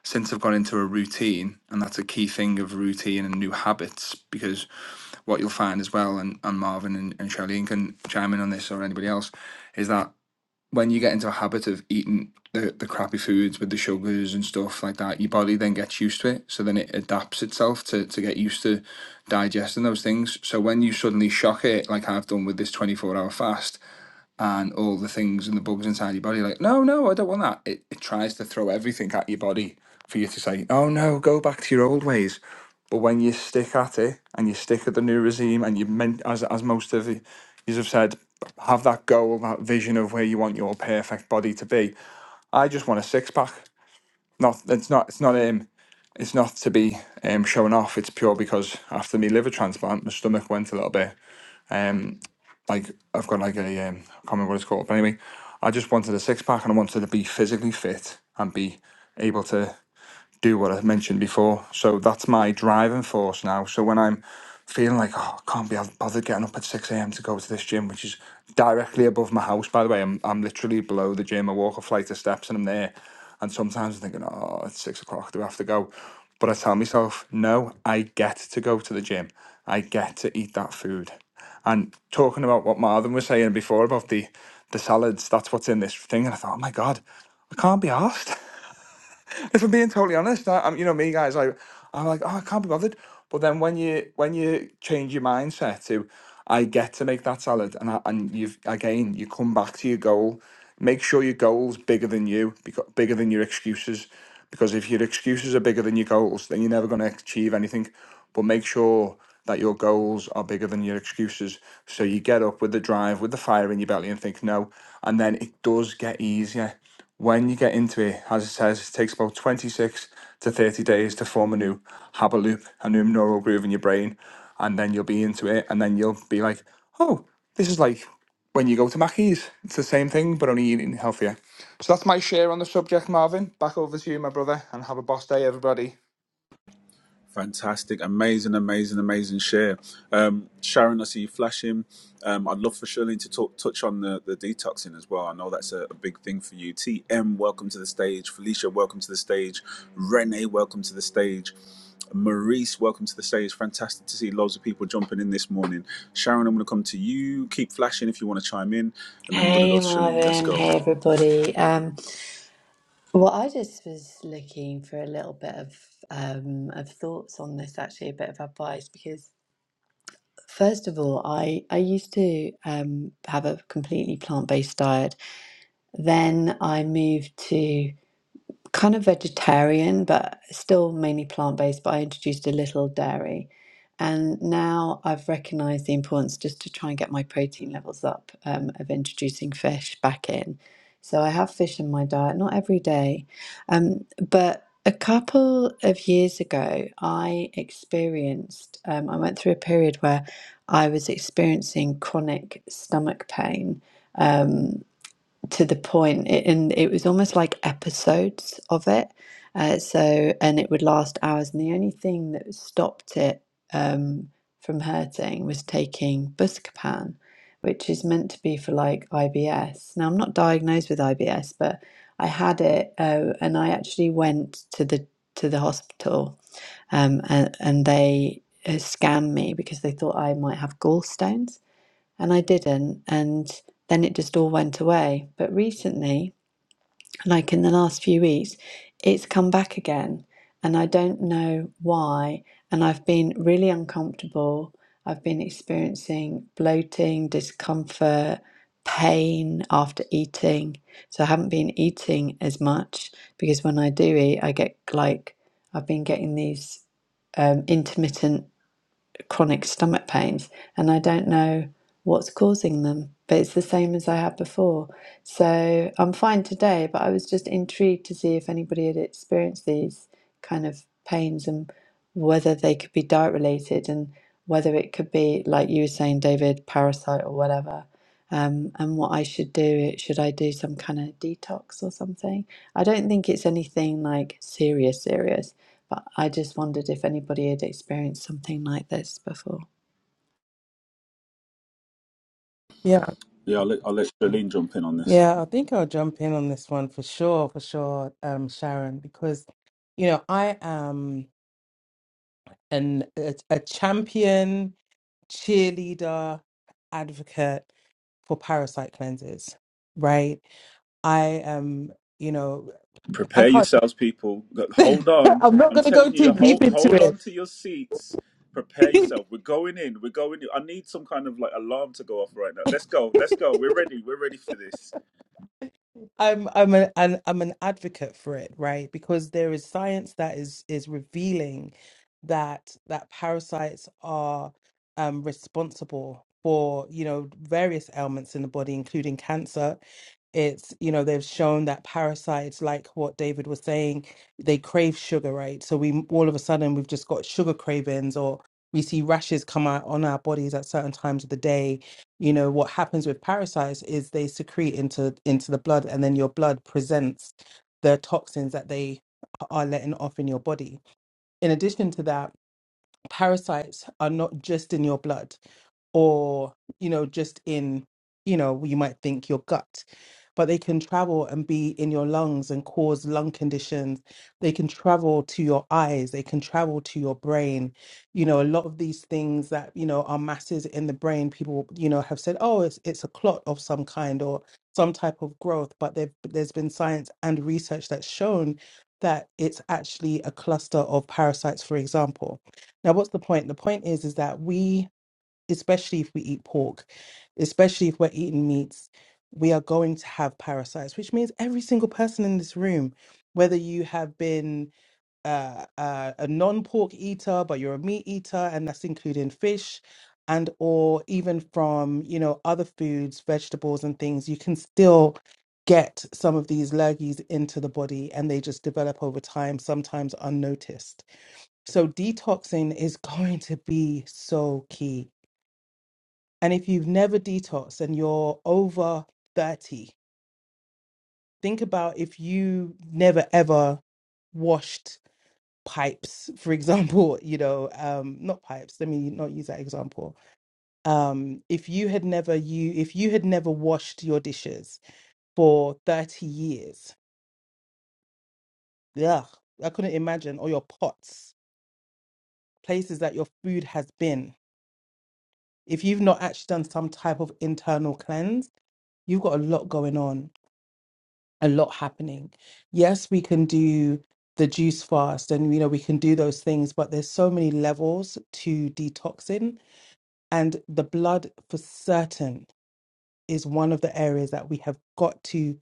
Speaker 3: since i've gone into a routine and that's a key thing of routine and new habits because what you'll find as well and, and marvin and, and charlene can chime in on this or anybody else is that when you get into a habit of eating the, the crappy foods with the sugars and stuff like that, your body then gets used to it. So then it adapts itself to, to get used to digesting those things. So when you suddenly shock it, like I've done with this 24 hour fast, and all the things and the bugs inside your body. Like, no, no, I don't want that. It, it tries to throw everything at your body for you to say, oh no, go back to your old ways. But when you stick at it and you stick at the new regime and you meant, as, as most of you have said, have that goal, that vision of where you want your perfect body to be. I just want a six pack. Not it's not it's not um it's not to be um showing off. It's pure because after me liver transplant, my stomach went a little bit. um like I've got like a um, I can't remember what it's called, but anyway, I just wanted a six pack and I wanted to be physically fit and be able to do what I mentioned before. So that's my driving force now. So when I'm feeling like, oh, I can't be bothered getting up at 6 a.m. to go to this gym, which is directly above my house, by the way, I'm, I'm literally below the gym. I walk a flight of steps and I'm there. And sometimes I'm thinking, oh, it's six o'clock, do I have to go? But I tell myself, no, I get to go to the gym. I get to eat that food. And talking about what Marvin was saying before about the the salads, that's what's in this thing. And I thought, oh my God, I can't be asked. <laughs> <laughs> if I'm being totally honest, I, I'm you know me guys, I I'm like oh I can't be bothered. But then when you when you change your mindset to I get to make that salad, and I, and you've again you come back to your goal. Make sure your goal's bigger than you, because bigger than your excuses. Because if your excuses are bigger than your goals, then you're never going to achieve anything. But make sure that your goals are bigger than your excuses. So you get up with the drive, with the fire in your belly, and think no. And then it does get easier. When you get into it, as it says, it takes about 26 to 30 days to form a new habit loop, a new neural groove in your brain, and then you'll be into it, and then you'll be like, oh, this is like when you go to Mackey's. It's the same thing, but only eating healthier. So that's my share on the subject, Marvin. Back over to you, my brother, and have a boss day, everybody.
Speaker 1: Fantastic, amazing, amazing, amazing share. Um, Sharon, I see you flashing. Um, I'd love for Shirley to talk, touch on the, the detoxing as well. I know that's a, a big thing for you. TM, welcome to the stage. Felicia, welcome to the stage. Renee, welcome to the stage. Maurice, welcome to the stage. Fantastic to see loads of people jumping in this morning. Sharon, I'm going to come to you. Keep flashing if you want to chime in, and then we're going to go
Speaker 5: Hey
Speaker 1: to Shalene. Let's
Speaker 5: Marvin,
Speaker 1: go.
Speaker 5: hey everybody. Um, well, I just was looking for a little bit of um, of thoughts on this, actually, a bit of advice because first of all, I I used to um, have a completely plant based diet. Then I moved to kind of vegetarian, but still mainly plant-based, but I introduced a little dairy. And now I've recognized the importance just to try and get my protein levels up um, of introducing fish back in. So I have fish in my diet, not every day. Um, but a couple of years ago, I experienced, um, I went through a period where I was experiencing chronic stomach pain Um, to the point, it, and it was almost like episodes of it. Uh, so, and it would last hours. And the only thing that stopped it um, from hurting was taking Buscopan, which is meant to be for like IBS. Now, I'm not diagnosed with IBS, but I had it, uh, and I actually went to the to the hospital, um, and, and they uh, scanned me because they thought I might have gallstones and I didn't. And then it just all went away. But recently, like in the last few weeks, it's come back again. And I don't know why. And I've been really uncomfortable. I've been experiencing bloating, discomfort, pain after eating. So I haven't been eating as much because when I do eat, I get like, I've been getting these um, intermittent chronic stomach pains and I don't know what's causing them, but it's the same as I had before. So I'm fine today, but I was just intrigued to see if anybody had experienced these kind of pains and whether they could be diet related and whether it could be, like you were saying, David, parasite or whatever um, and what I should do. Should I do some kind of detox or something? I don't think it's anything like serious, serious, but I just wondered if anybody had experienced something like this before.
Speaker 2: Yeah,
Speaker 1: Yeah, I'll let, I'll let Shalene jump in on this.
Speaker 2: yeah, I think I'll jump in on this one for sure, for sure, um, Sharon, because you know I am an a, a champion, cheerleader, advocate for parasite cleanses, right? I am, you know, I
Speaker 1: Prepare
Speaker 2: can't,
Speaker 1: yourselves, people. Go- Hold
Speaker 2: <laughs>
Speaker 1: on.
Speaker 2: I'm not
Speaker 1: I'm
Speaker 2: going to go
Speaker 1: telling
Speaker 2: too
Speaker 1: you, hold
Speaker 2: deep
Speaker 1: hold
Speaker 2: into
Speaker 1: on to your seats. Prepare
Speaker 2: it. <laughs>
Speaker 1: yourself. We're going in. We're going in. I need some kind of like alarm to go off right now. Let's go. Let's go. We're ready. We're ready for this.
Speaker 2: I'm I'm a, an I'm an advocate for it, right? Because there is science that is is revealing that that parasites are um, responsible for you know various ailments in the body, including cancer. It's you know they've shown that parasites, like what David was saying, they crave sugar, right? So we all of a sudden we've just got sugar cravings, or we see rashes come out on our bodies at certain times of the day you know what happens with parasites is they secrete into into the blood and then your blood presents the toxins that they are letting off in your body in addition to that parasites are not just in your blood or you know just in you know you might think your gut but they can travel and be in your lungs and cause lung conditions they can travel to your eyes they can travel to your brain you know a lot of these things that you know are masses in the brain people you know have said oh it's it's a clot of some kind or some type of growth but there there's been science and research that's shown that it's actually a cluster of parasites for example now, what's the point? The point is, is that we, especially if we eat pork, especially if we're eating meats, we are going to have parasites, which means every single person in this room, whether you have been uh, uh, a non-pork eater, but you're a meat eater, and that's including fish, and or even from you know other foods, vegetables, and things, you can still get some of these lurgies into the body, and they just develop over time, sometimes unnoticed. So detoxing is <laughs> going to be so key. And if you've never detoxed and you're over 30, think about if you never ever washed pipes, for example, <laughs> you know, um, not pipes, let me not use that example. Um, if you had never you if you had never washed your dishes for 30 years, yeah, I couldn't imagine, or your pots, places that your food has been. If you've not actually done some type of internal cleanse, you've got a lot going on, a lot happening. Yes, we can do the juice fast and you know we can do those things, but there's so many levels to detoxing and the blood for certain is one of the areas that we have got to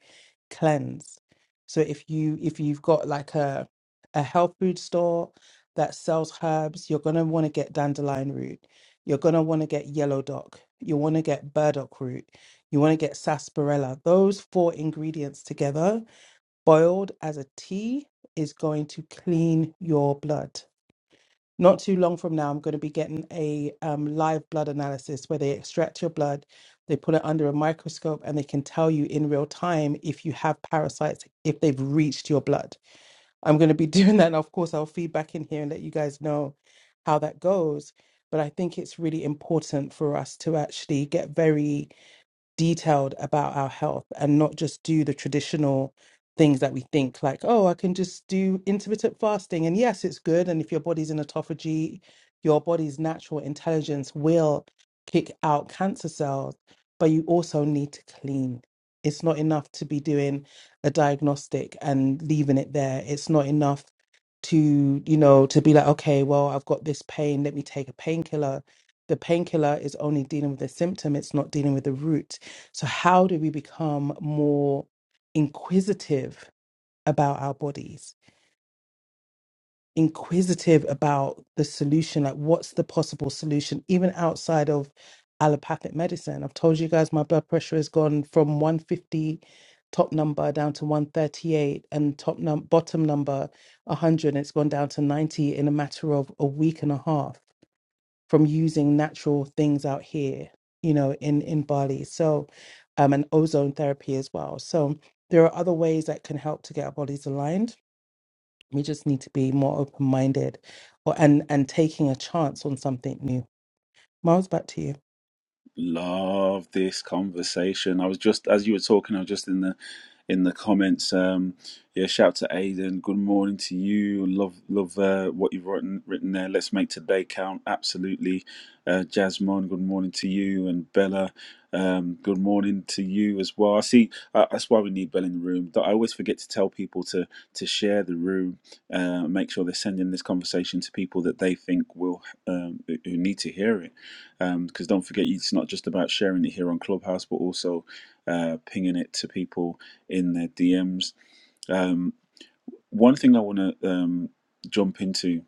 Speaker 2: cleanse. So if you if you've got like a a health food store that sells herbs, you're gonna want to get dandelion root. You're gonna want to get yellow dock. You want to get burdock root. You want to get sarsaparilla. Those four ingredients together boiled as a tea is going to clean your blood. Not too long from now, I'm going to be getting a um, live blood analysis where they extract your blood, they put it under a microscope, and they can tell you in real time if you have parasites, if they've reached your blood. I'm going to be <laughs> doing that. And of course, I'll feed back in here and let you guys know how that goes. But I think it's really important for us to actually get very detailed about our health and not just do the traditional things that we think like oh i can just do intermittent fasting and yes it's good and if your body's in autophagy your body's natural intelligence will kick out cancer cells but you also need to clean it's not enough to be doing a diagnostic and leaving it there it's not enough to you know to be like okay well i've got this pain let me take a painkiller the painkiller is only dealing with the symptom it's not dealing with the root so, how do we become more inquisitive about our bodies, inquisitive about the solution? Like, what's the possible solution, even outside of allopathic medicine? I've told you guys my blood pressure has gone from 150 top number down to 138 and top num- bottom number 100 it's gone down to 90 in a matter of a week and a half from using natural things out here, you know, in in Bali. So, um, and ozone therapy as well. So there are other ways that can help to get our bodies aligned. We just need to be more open minded, or and and taking a chance on something new. Miles, back to you.
Speaker 1: Love this conversation. I was just as you were talking, I was just in the in the comments. Um, yeah, shout out to Aiden. Good morning to you. Love love uh, what you've written written there. Let's make today count. Absolutely. Uh, Jasmine, good morning to you and Bella. Um, good morning to you as well. I see. Uh, that's why we need Bella in the room. But I always forget to tell people to to share the room. Uh, make sure they're sending this conversation to people that they think will um, who who need to hear it um, because don't forget it's not just about sharing it here on clubhouse but also uh, pinging it to people in their dms um, one thing i want to um, jump into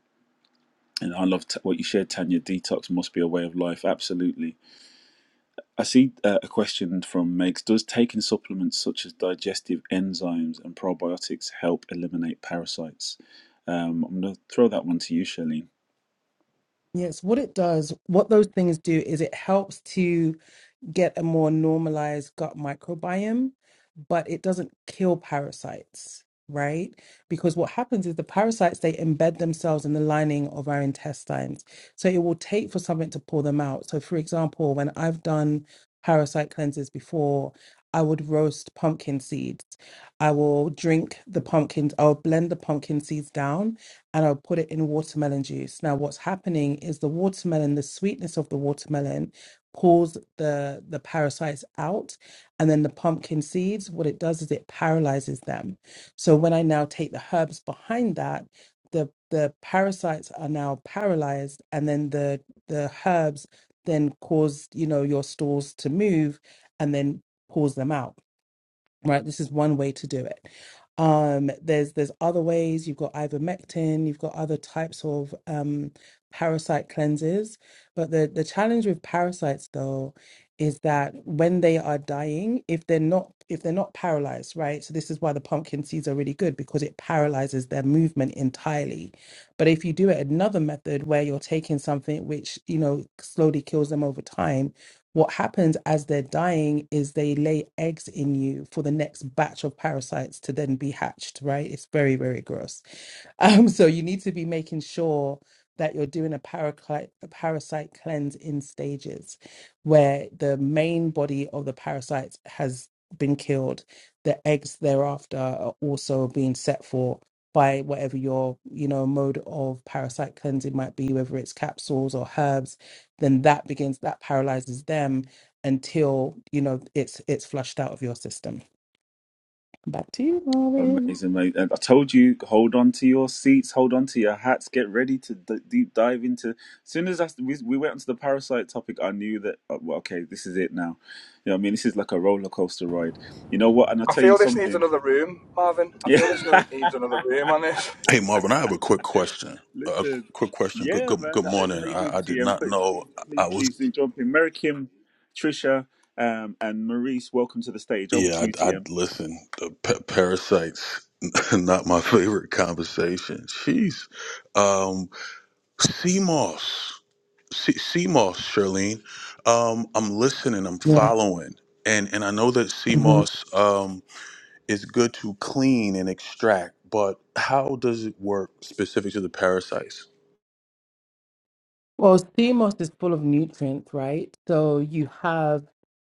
Speaker 1: and i love t- what you shared tanya detox must be a way of life absolutely i see uh, a question from megs does taking supplements such as digestive enzymes and probiotics help eliminate parasites um, i'm going to throw that one to you Shelley.
Speaker 2: Yes, what it does, what those things do is it helps to get a more normalized gut microbiome, but it doesn't kill parasites, right? Because what happens is the parasites they embed themselves in the lining of our intestines. So it will take for something to pull them out. So for example, when I've done parasite cleanses before, I would roast pumpkin seeds. I will drink the pumpkins, I'll blend the pumpkin seeds down and I'll put it in watermelon juice. Now, what's happening is the watermelon, the sweetness of the watermelon pulls the the parasites out and then the pumpkin seeds what it does is it paralyzes them so when i now take the herbs behind that the the parasites are now paralyzed and then the the herbs then cause you know your stools to move and then pulls them out right? This is one way to do it. Um, there's there's other ways. You've got ivermectin. You've got other types of um, parasite cleanses. But the the challenge with parasites though is that when they are dying, if they're not if they're not paralyzed, right? So this is why the pumpkin seeds are really good because it paralyzes their movement entirely. But if you do it another method where you're taking something which you know slowly kills them over time what happens as they're dying is they lay eggs in you for the next batch of parasites to then be hatched, right? It's very, very gross. Um, so you need to be making sure that you're doing a, paracli- a parasite cleanse in stages where the main body of the parasite has been killed. The eggs thereafter are also being set for by whatever your you know mode of parasite cleansing might be whether it's capsules or herbs then that begins that paralyzes them until you know it's it's flushed out of your system back to you Marvin
Speaker 1: Amazing, mate. And I told you, hold on to your seats, hold on to your hats, get ready to d- deep dive into. As soon as I, we, we went onto the parasite topic, I knew that, uh, well, okay, this is it now. You know what I mean? This is like a roller coaster ride. You know what? And I'll
Speaker 3: I
Speaker 1: tell you
Speaker 3: feel this needs
Speaker 1: something. <laughs>
Speaker 3: another room, Marvin. I feel this no-
Speaker 1: Yeah.
Speaker 3: needs another room on this.
Speaker 6: Hey Marvin, I have a quick question. A
Speaker 1: Listen.
Speaker 6: quick question. Good,
Speaker 1: Yeah,
Speaker 6: good,
Speaker 1: man.
Speaker 6: good
Speaker 1: I-
Speaker 6: morning.
Speaker 1: How you
Speaker 6: I,
Speaker 1: doing,
Speaker 6: I did
Speaker 1: TM?
Speaker 6: not
Speaker 1: Please,
Speaker 6: know
Speaker 1: please, please,
Speaker 6: I was.
Speaker 1: please do jump in. Mary Kim, Trisha, um, and Maurice, welcome to the stage. Over to
Speaker 6: Yeah,
Speaker 1: you,
Speaker 6: I, I
Speaker 1: TM.
Speaker 6: listen. The pa- parasites, <laughs> not my favorite conversation. Jeez, um, CMOS, C- CMOS, Charlene. Um, I'm listening. I'm
Speaker 2: Yeah.
Speaker 6: following, and and I know that CMOS um is good to clean and extract, but how does it work specific to the parasites?
Speaker 2: Well, sea moss is full of nutrients, right? So you have,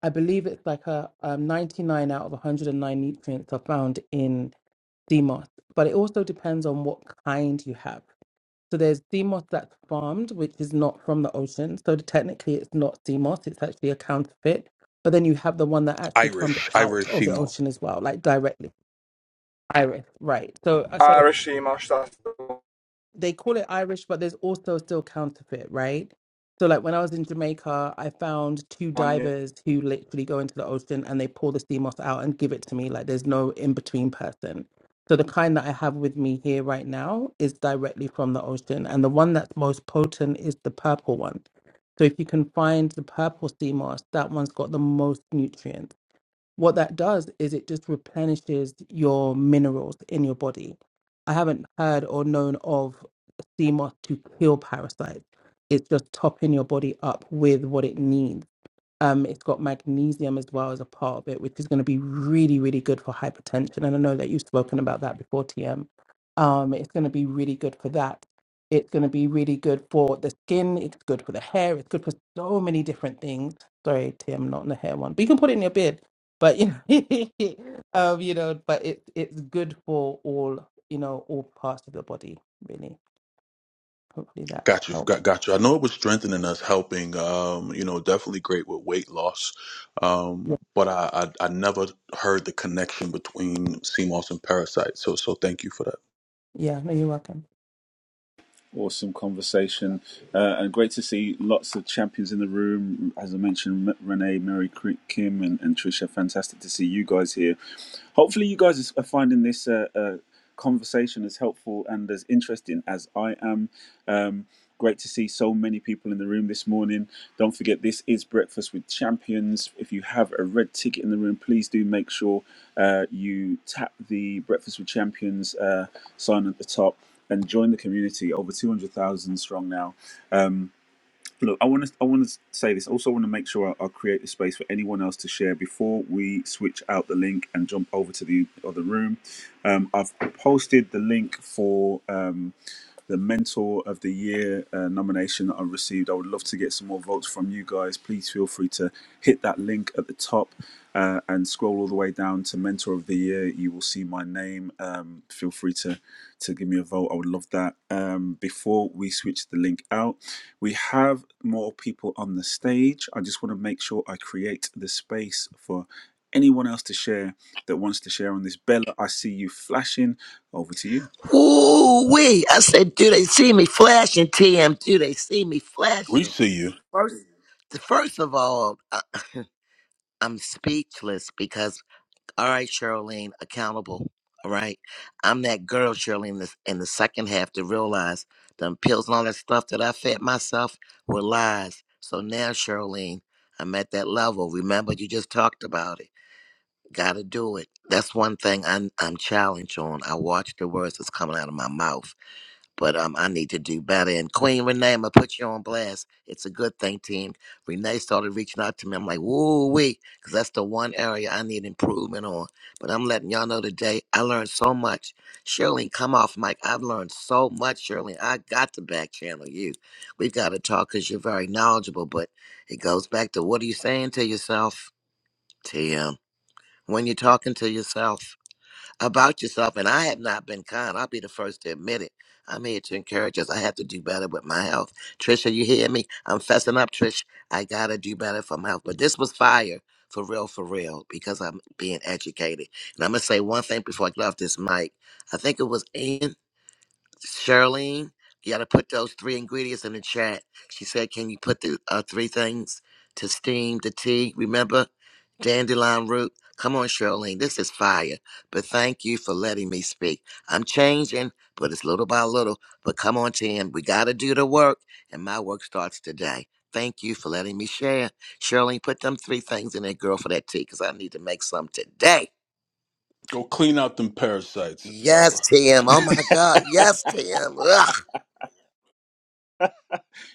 Speaker 2: I believe it's like a um, 99 out of 109 nutrients are found in sea moss, but it also depends on what kind you have. So there's sea moss that's farmed, which is not from the ocean. So technically, it's not sea moss; it's actually a counterfeit. But then you have the one that actually comes
Speaker 6: Irish,
Speaker 2: out
Speaker 6: Irish
Speaker 2: of the
Speaker 6: CMOS.
Speaker 2: ocean as well, like directly, iris, right? So, uh, so
Speaker 3: Irish Seamosh, that's the
Speaker 2: they call it Irish, but there's also still counterfeit, right? So like when I was in Jamaica, I found two
Speaker 3: one.
Speaker 2: divers who literally go into the ocean and they pull the sea moss out and give it to me. Like there's no in between person. So the kind that I have with me here right now is directly from the ocean, and the one that's most potent is the purple one. So if you can find the purple sea moss, that one's got the most nutrients what that does is it just replenishes your minerals in your body. I haven't heard or known of sea moss to kill parasites. It's just topping your body up with what it needs um, it's got magnesium as well as a part of it, which is going to be really, really good for hypertension. And I know that you've spoken about that before, TM. Um, it's going to be really good for that. It's going to be really good for the skin. It's good for the hair. It's good for so many different things. Sorry, TM, not in the hair one, but you can put it in your beard. But you know, <laughs> um, you know, but it's it's good for all you know all parts of the body, really. Hopefully that
Speaker 6: Got you,
Speaker 2: helped.
Speaker 6: got, got you. I know it was strengthening us, helping. Um, you know, definitely great with weight loss. Um,
Speaker 2: Yeah,
Speaker 6: but I, I, I never heard the connection between CMOS and parasites. So, so thank you for that.
Speaker 2: yeah. No, you're welcome.
Speaker 1: Awesome conversation, uh, and great to see lots of champions in the room. As I mentioned, Renee, Mary, Kim, and, and Trisha. Fantastic to see you guys here. Hopefully, you guys are finding this uh, uh, conversation as helpful and as interesting as I am. Um, great to see so many people in the room this morning. Don't forget, this is Breakfast with Champions. If you have a red ticket in the room, please do make sure uh, you tap the Breakfast with Champions uh, sign at the top and join the community over 200,000 strong now um look i want to i want to say this also want to make sure i, I create a space for anyone else to share before we switch out the link and jump over to the other room um i've posted the link for um the Mentor of the Year uh, nomination that I received. I would love to get some more votes from you guys. Please feel free to hit that link at the top uh, and scroll all the way down to Mentor of the Year. You will see my name. Um, feel free to to give me a vote. I would love that. Um, before we switch the link out, we have more people on the stage. I just want to make sure I create the space for anyone else to share that wants to share on this. Bella, I see you flashing. Over to you.
Speaker 7: Ooh, wee. I said, do they see me flashing, TM? Do they see me
Speaker 6: We
Speaker 7: flashing?
Speaker 6: see you.
Speaker 7: First, first of all, I, I'm speechless because, all right, Charlene, accountable. All right. I'm that girl, Charlene, that's in the second half to realize them pills and all that stuff that I fed myself were lies. So now, Charlene, I'm at that level. Remember, you just talked about it. Gotta do it. That's one thing I'm, I'm challenged on. I watch the words that's coming out of my mouth but um, I need to do better. And Queen Renee, I'm gonna put you on blast. It's a good thing, team. Renee started reaching out to me. I'm like, woo wee, because that's the one area I need improvement on. But I'm letting y'all know today, I learned so much. Shirley, come off Mike. I've learned so much, Shirley. I got to back channel you. We've got to talk because you're very knowledgeable. But it goes back to what are you saying to yourself, TM? When you're talking to yourself, about yourself. And I have not been kind. I'll be the first to admit it. I'm here to encourage us. I have to do better with my health. Trisha, you hear me? I'm fessing up, Trish. I gotta do better for my health. But this was fire. For real, for real, because I'm being educated. And I'm gonna say one thing before I get off this mic. I think it was Ann. Charlene, you got to put those three ingredients in the chat. She said, can you put the uh, three things to steam the tea? Remember, dandelion root. Come on, Charlene, this is fire. But thank you for letting me speak. I'm changing, but it's little by little. But come on, Tim, we got to do the work, and my work starts today. Thank you for letting me share. Charlene, put them three things in there, girl, for that tea, because I need to make some today.
Speaker 6: Go clean out them parasites,
Speaker 7: Yes,
Speaker 6: Bella.
Speaker 7: Tim. Oh, my God. Yes, Tim. Ugh.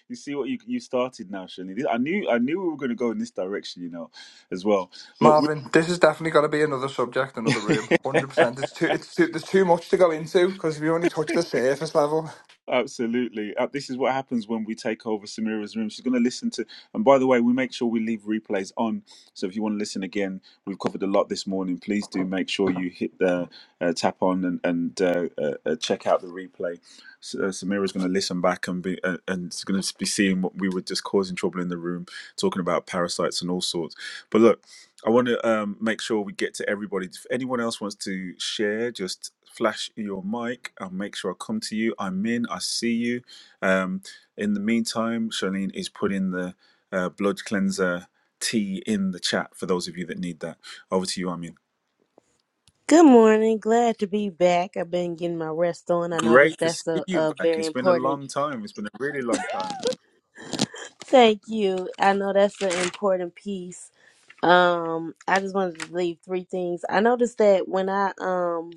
Speaker 1: You see what you you started now, Shani. I knew I knew we were going to go in this direction, you know, as well. Look,
Speaker 3: Marvin, this is definitely going to be another subject,
Speaker 1: we,
Speaker 3: another room. One Hundred percent. It's too. It's too. There's too much to go into because we only touched the surface level.
Speaker 1: <laughs> absolutely. Uh, This is what happens when we take over Samira's room. She's going to listen to. And by the way, we make sure we leave replays on. So if you want to listen again, we've covered a lot this morning. Please do make sure you hit the uh, tap on and and uh, uh, uh, check out the replay. S- uh, Samira's going to listen back and be uh, and is going to be seeing what we were just causing trouble in the room, talking about parasites and all sorts. But look. I want to um, make sure we get to everybody. If anyone else wants to share, just flash your mic. I'll make sure I come to you. I'm in. I see you. Um, in the meantime, Charlene is putting the uh, blood cleanser tea in the chat for those of you that need that. Over to you, Amin.
Speaker 8: Good morning. Glad to be back. I've been getting my rest on. I
Speaker 1: Great
Speaker 8: noticed
Speaker 1: to see
Speaker 8: that's a,
Speaker 1: you
Speaker 8: a
Speaker 1: back.
Speaker 8: very
Speaker 1: It's been a
Speaker 8: important.
Speaker 1: long time. It's been a really long time.
Speaker 8: Thank you. I know that's an important piece. Um, I just wanted to leave three things. I noticed that when I um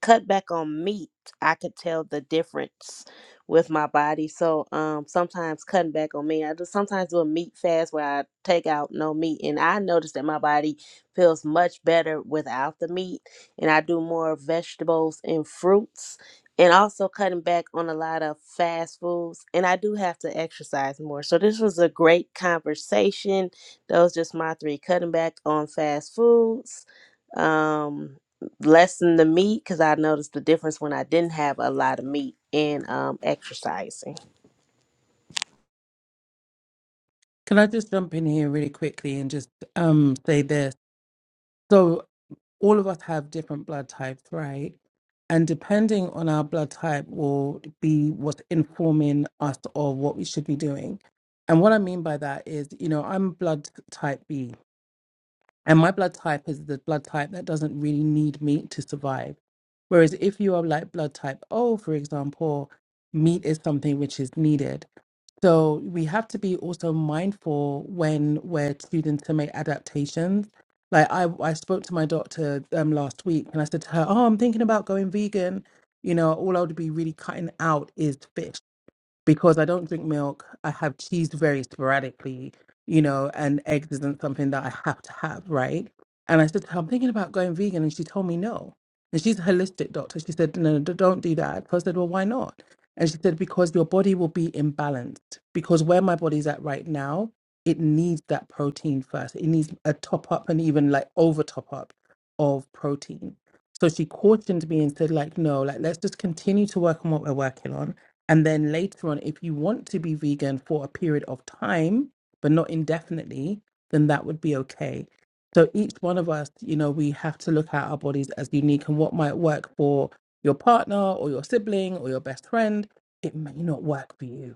Speaker 8: cut back on meat, I could tell the difference with my body. So um sometimes cutting back on meat, I just sometimes do a meat fast where I take out no meat and I notice that my body feels much better without the meat and I do more vegetables and fruits and also cutting back on a lot of fast foods and I do have to exercise more. So this was a great conversation. Those just my three cutting back on fast foods. Um lessen the meat because I noticed the difference when I didn't have a lot of meat in um, exercising.
Speaker 2: Can I just jump in here really quickly and just um, say this? So, all of us have different blood types, right? And depending on our blood type, will be what's informing us of what we should be doing. And what I mean by that is, you know, I'm blood type B, and my blood type is the blood type that doesn't really need meat to survive. Whereas if you are like blood type O, for example, meat is something which is needed. So we have to be also mindful when we're students to make adaptations. Like I, I spoke to my doctor um, last week, and I said to her, "Oh, I'm thinking about going vegan. You know, all I would be really cutting out is fish." because I don't drink milk. I have cheese very sporadically, you know, and eggs isn't something that I have to have, right? And I said to her, I'm thinking about going vegan. And she told me no. And she's a holistic doctor. She said, no, d- don't do that. So I said, well, why not? And she said, because your body will be imbalanced. Because where my body's at right now, it needs that protein first. It needs a top up and even like over top up of protein. So she cautioned me and said, like, no, like, let's just continue to work on what we're working on and then later on, if you want to be vegan for a period of time, but not indefinitely, then that would be okay. So each one of us, you know, we have to look at our bodies as unique and what might work for your partner or your sibling or your best friend, it may not work for you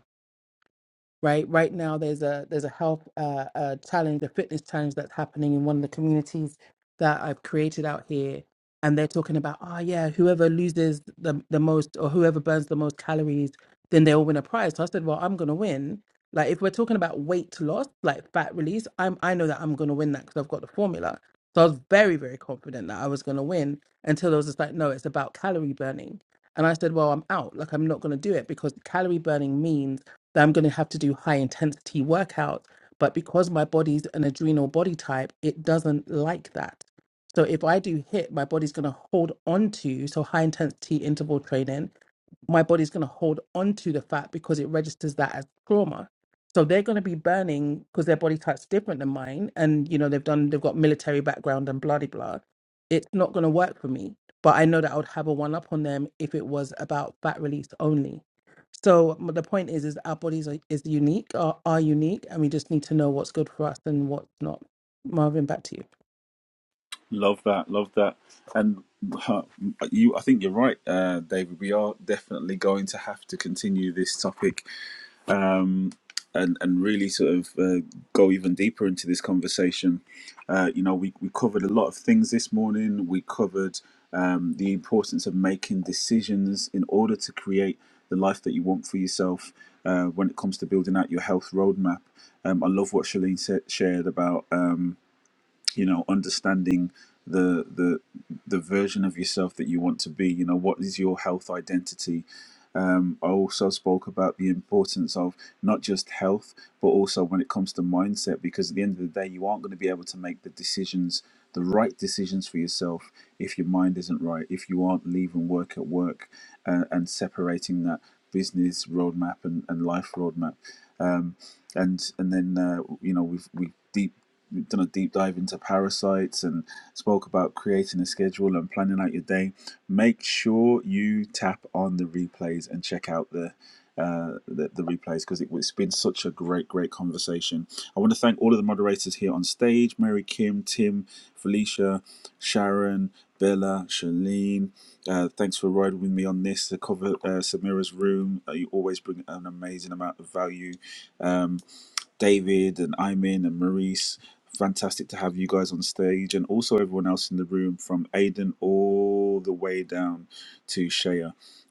Speaker 2: right right now there's a there's a health uh, uh challenge a fitness challenge that's happening in one of the communities that i've created out here and they're talking about oh yeah whoever loses the, the most or whoever burns the most calories then they'll win a prize so i said well i'm gonna win like if we're talking about weight loss like fat release i'm i know that i'm gonna win that because i've got the formula so i was very very confident that i was gonna win until they was just like no it's about calorie burning and i said well i'm out like i'm not gonna do it because calorie burning means that I'm going to have to do high intensity workouts. But because my body's an adrenal body type, it doesn't like that. So if I do hit, my body's going to hold on to. So high intensity interval training my body's going to hold on to the fat because it registers that as trauma. So they're going to be burning because their body type's different than mine, and you know they've done they've got military background and bloody blah. It's not going to work for me, but I know that I would have a one up on them if it was about fat release only. So m- the point is, is our bodies are, is unique, are, are unique, and we just need to know what's good for us and what's not. Marvin, back to you.
Speaker 1: Love that, love that, and uh, you. I think you're right, uh, David. We are definitely going to have to continue this topic um, and and really sort of uh, go even deeper into this conversation. Uh, you know, we we covered a lot of things this morning. We covered um, the importance of making decisions in order to create the life that you want for yourself. Uh, when it comes to building out your health roadmap, um, I love what Shalene said, shared about. Um, you know understanding the the the version of yourself that you want to be you know what is your health identity um, I also spoke about the importance of not just health, but also when it comes to mindset, because at the end of the day, you aren't going to be able to make the decisions, the right decisions for yourself, if your mind isn't right, if you aren't leaving work at work uh, and separating that business roadmap and, and life roadmap. Um, and and then uh, you know we've we We've done a deep dive into parasites and spoke about creating a schedule and planning out your day. Make sure you tap on the replays and check out the uh, the, the replays because it, it's been such a great, great conversation. I want to thank all of the moderators here on stage: Mary, Kim, Tim, Felicia, Sharon, Bella, Shalene. Uh, thanks for riding with me on this. The cover uh, Samira's room. Uh, you always bring an amazing amount of value. Um, David and Imin and Maurice. Fantastic to have you guys on stage and also everyone else in the room from Aiden all the way down to Shea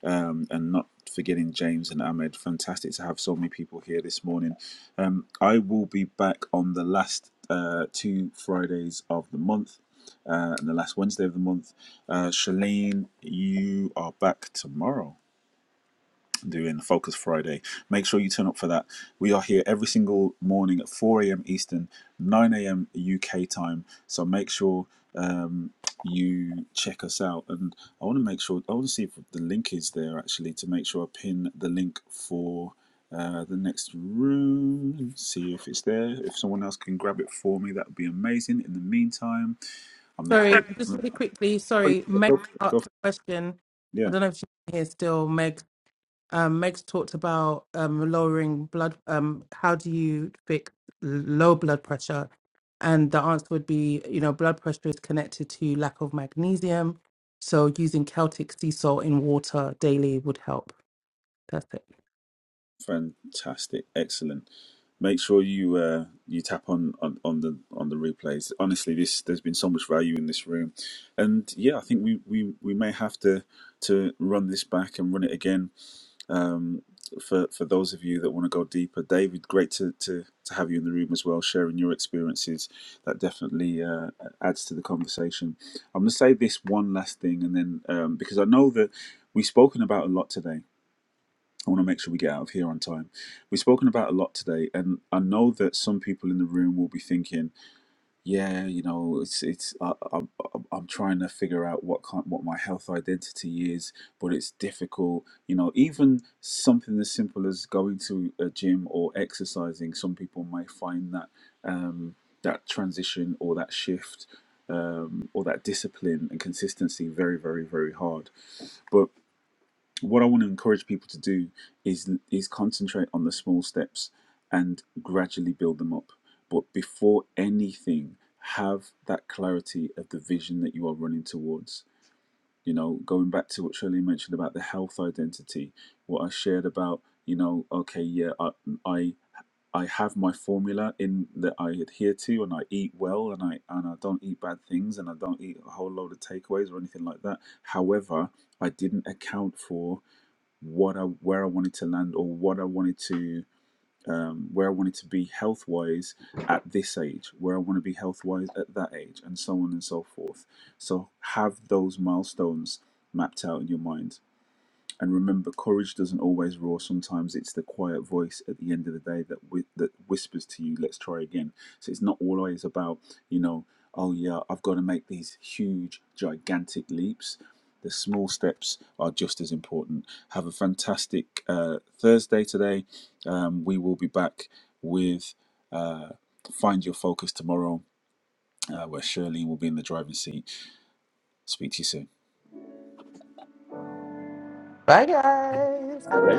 Speaker 1: um, and not forgetting James and Ahmed. Fantastic to have so many people here this morning. Um, I will be back on the last uh, two Fridays of the month uh, and the last Wednesday of the month. Uh, Shalene, you are back tomorrow doing Focus Friday. Make sure you turn up for that. We are here every single morning at 4 a.m. Eastern, 9 a.m. UK time. So make sure um, you check us out. And I want to make sure, I want to see if the link is there actually to make sure I pin the link for. Uh, the next room, see if it's there. If someone else can grab it for me, that would be amazing. In the meantime, I'm the. Go,
Speaker 2: Sorry, just
Speaker 1: go,
Speaker 2: really quickly. Sorry, Meg
Speaker 1: go
Speaker 2: asked a question. I
Speaker 1: Yeah.
Speaker 2: don't know if she's here still. Meg um, Meg's talked about um, lowering blood. Um, how do you fix low blood pressure? And the answer would be, you know, blood pressure is connected to lack of magnesium. So using Celtic sea salt in water daily would help. That's it.
Speaker 1: Fantastic, excellent. Make sure you uh, you tap on, on on the on the replays. Honestly, this there's been so much value in this room, and yeah, I think we we, we may have to to run this back and run it again. Um, for for those of you that want to go deeper, David, great to, to to have you in the room as well, sharing your experiences. That definitely uh, adds to the conversation. I'm gonna say this one last thing, and then um, because I know that we've spoken about a lot today I want to make sure we get out of here on time. We've spoken about a lot today, and I know that some people in the room will be thinking, "Yeah, you know, it's it's I, I, I'm I'm trying to figure out what kind, what my health identity is, but it's difficult." You know, even something as simple as going to a gym or exercising, some people may find that um, that transition or that shift um, or that discipline and consistency very, very, very hard. but what I want to encourage people to do is is concentrate on the small steps and gradually build them up. But before anything, have that clarity of the vision that you are running towards. You know, going back to what Shirley mentioned about the health identity, what I shared about, you know, okay, yeah, I I, I have my formula in that I adhere to, and I eat well, and I and I don't eat bad things, and I don't eat a whole load of takeaways or anything like that. However, I didn't account for what I where I wanted to land or what I wanted to um, where I wanted to be health wise at this age, where I want to be health wise at that age, and so on and so forth. So have those milestones mapped out in your mind and remember, courage doesn't always roar. Sometimes it's the quiet voice at the end of the day that whi- that whispers to you, "Let's try again." So it's not always about you know, oh yeah, I've got to make these huge, gigantic leaps. The small steps are just as important. Have a fantastic uh, Thursday today. Um, we will be back with uh, Find Your Focus tomorrow, uh, where Shirley will be in the driving seat. Speak to you soon.
Speaker 2: Bye, guys. Have a good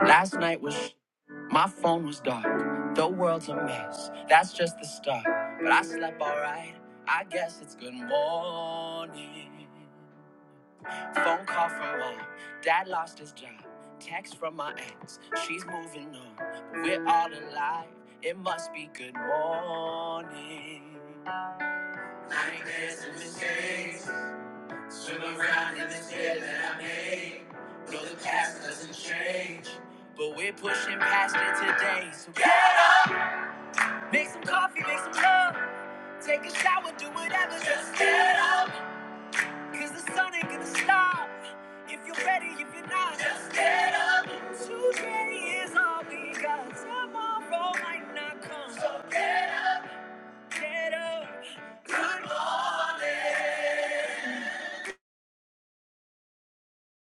Speaker 1: Last night was my phone was dark. The world's a mess. That's just the start. But I slept alright. I guess it's good morning. Phone call from mom. Dad lost his job. Text from my ex. She's moving on. But we're all alive. It must be good morning. Make mistakes. Swim around in this bed that I made. Though the past doesn't change. But we're pushing past it today. So get up. Make some coffee, make some love. Take a shower, do whatever. Just get up. Cause the sun ain't gonna stop. If you're ready, if you're not, just get up. Today is all we got. Tomorrow might not come. So get up. Get up. Good morning.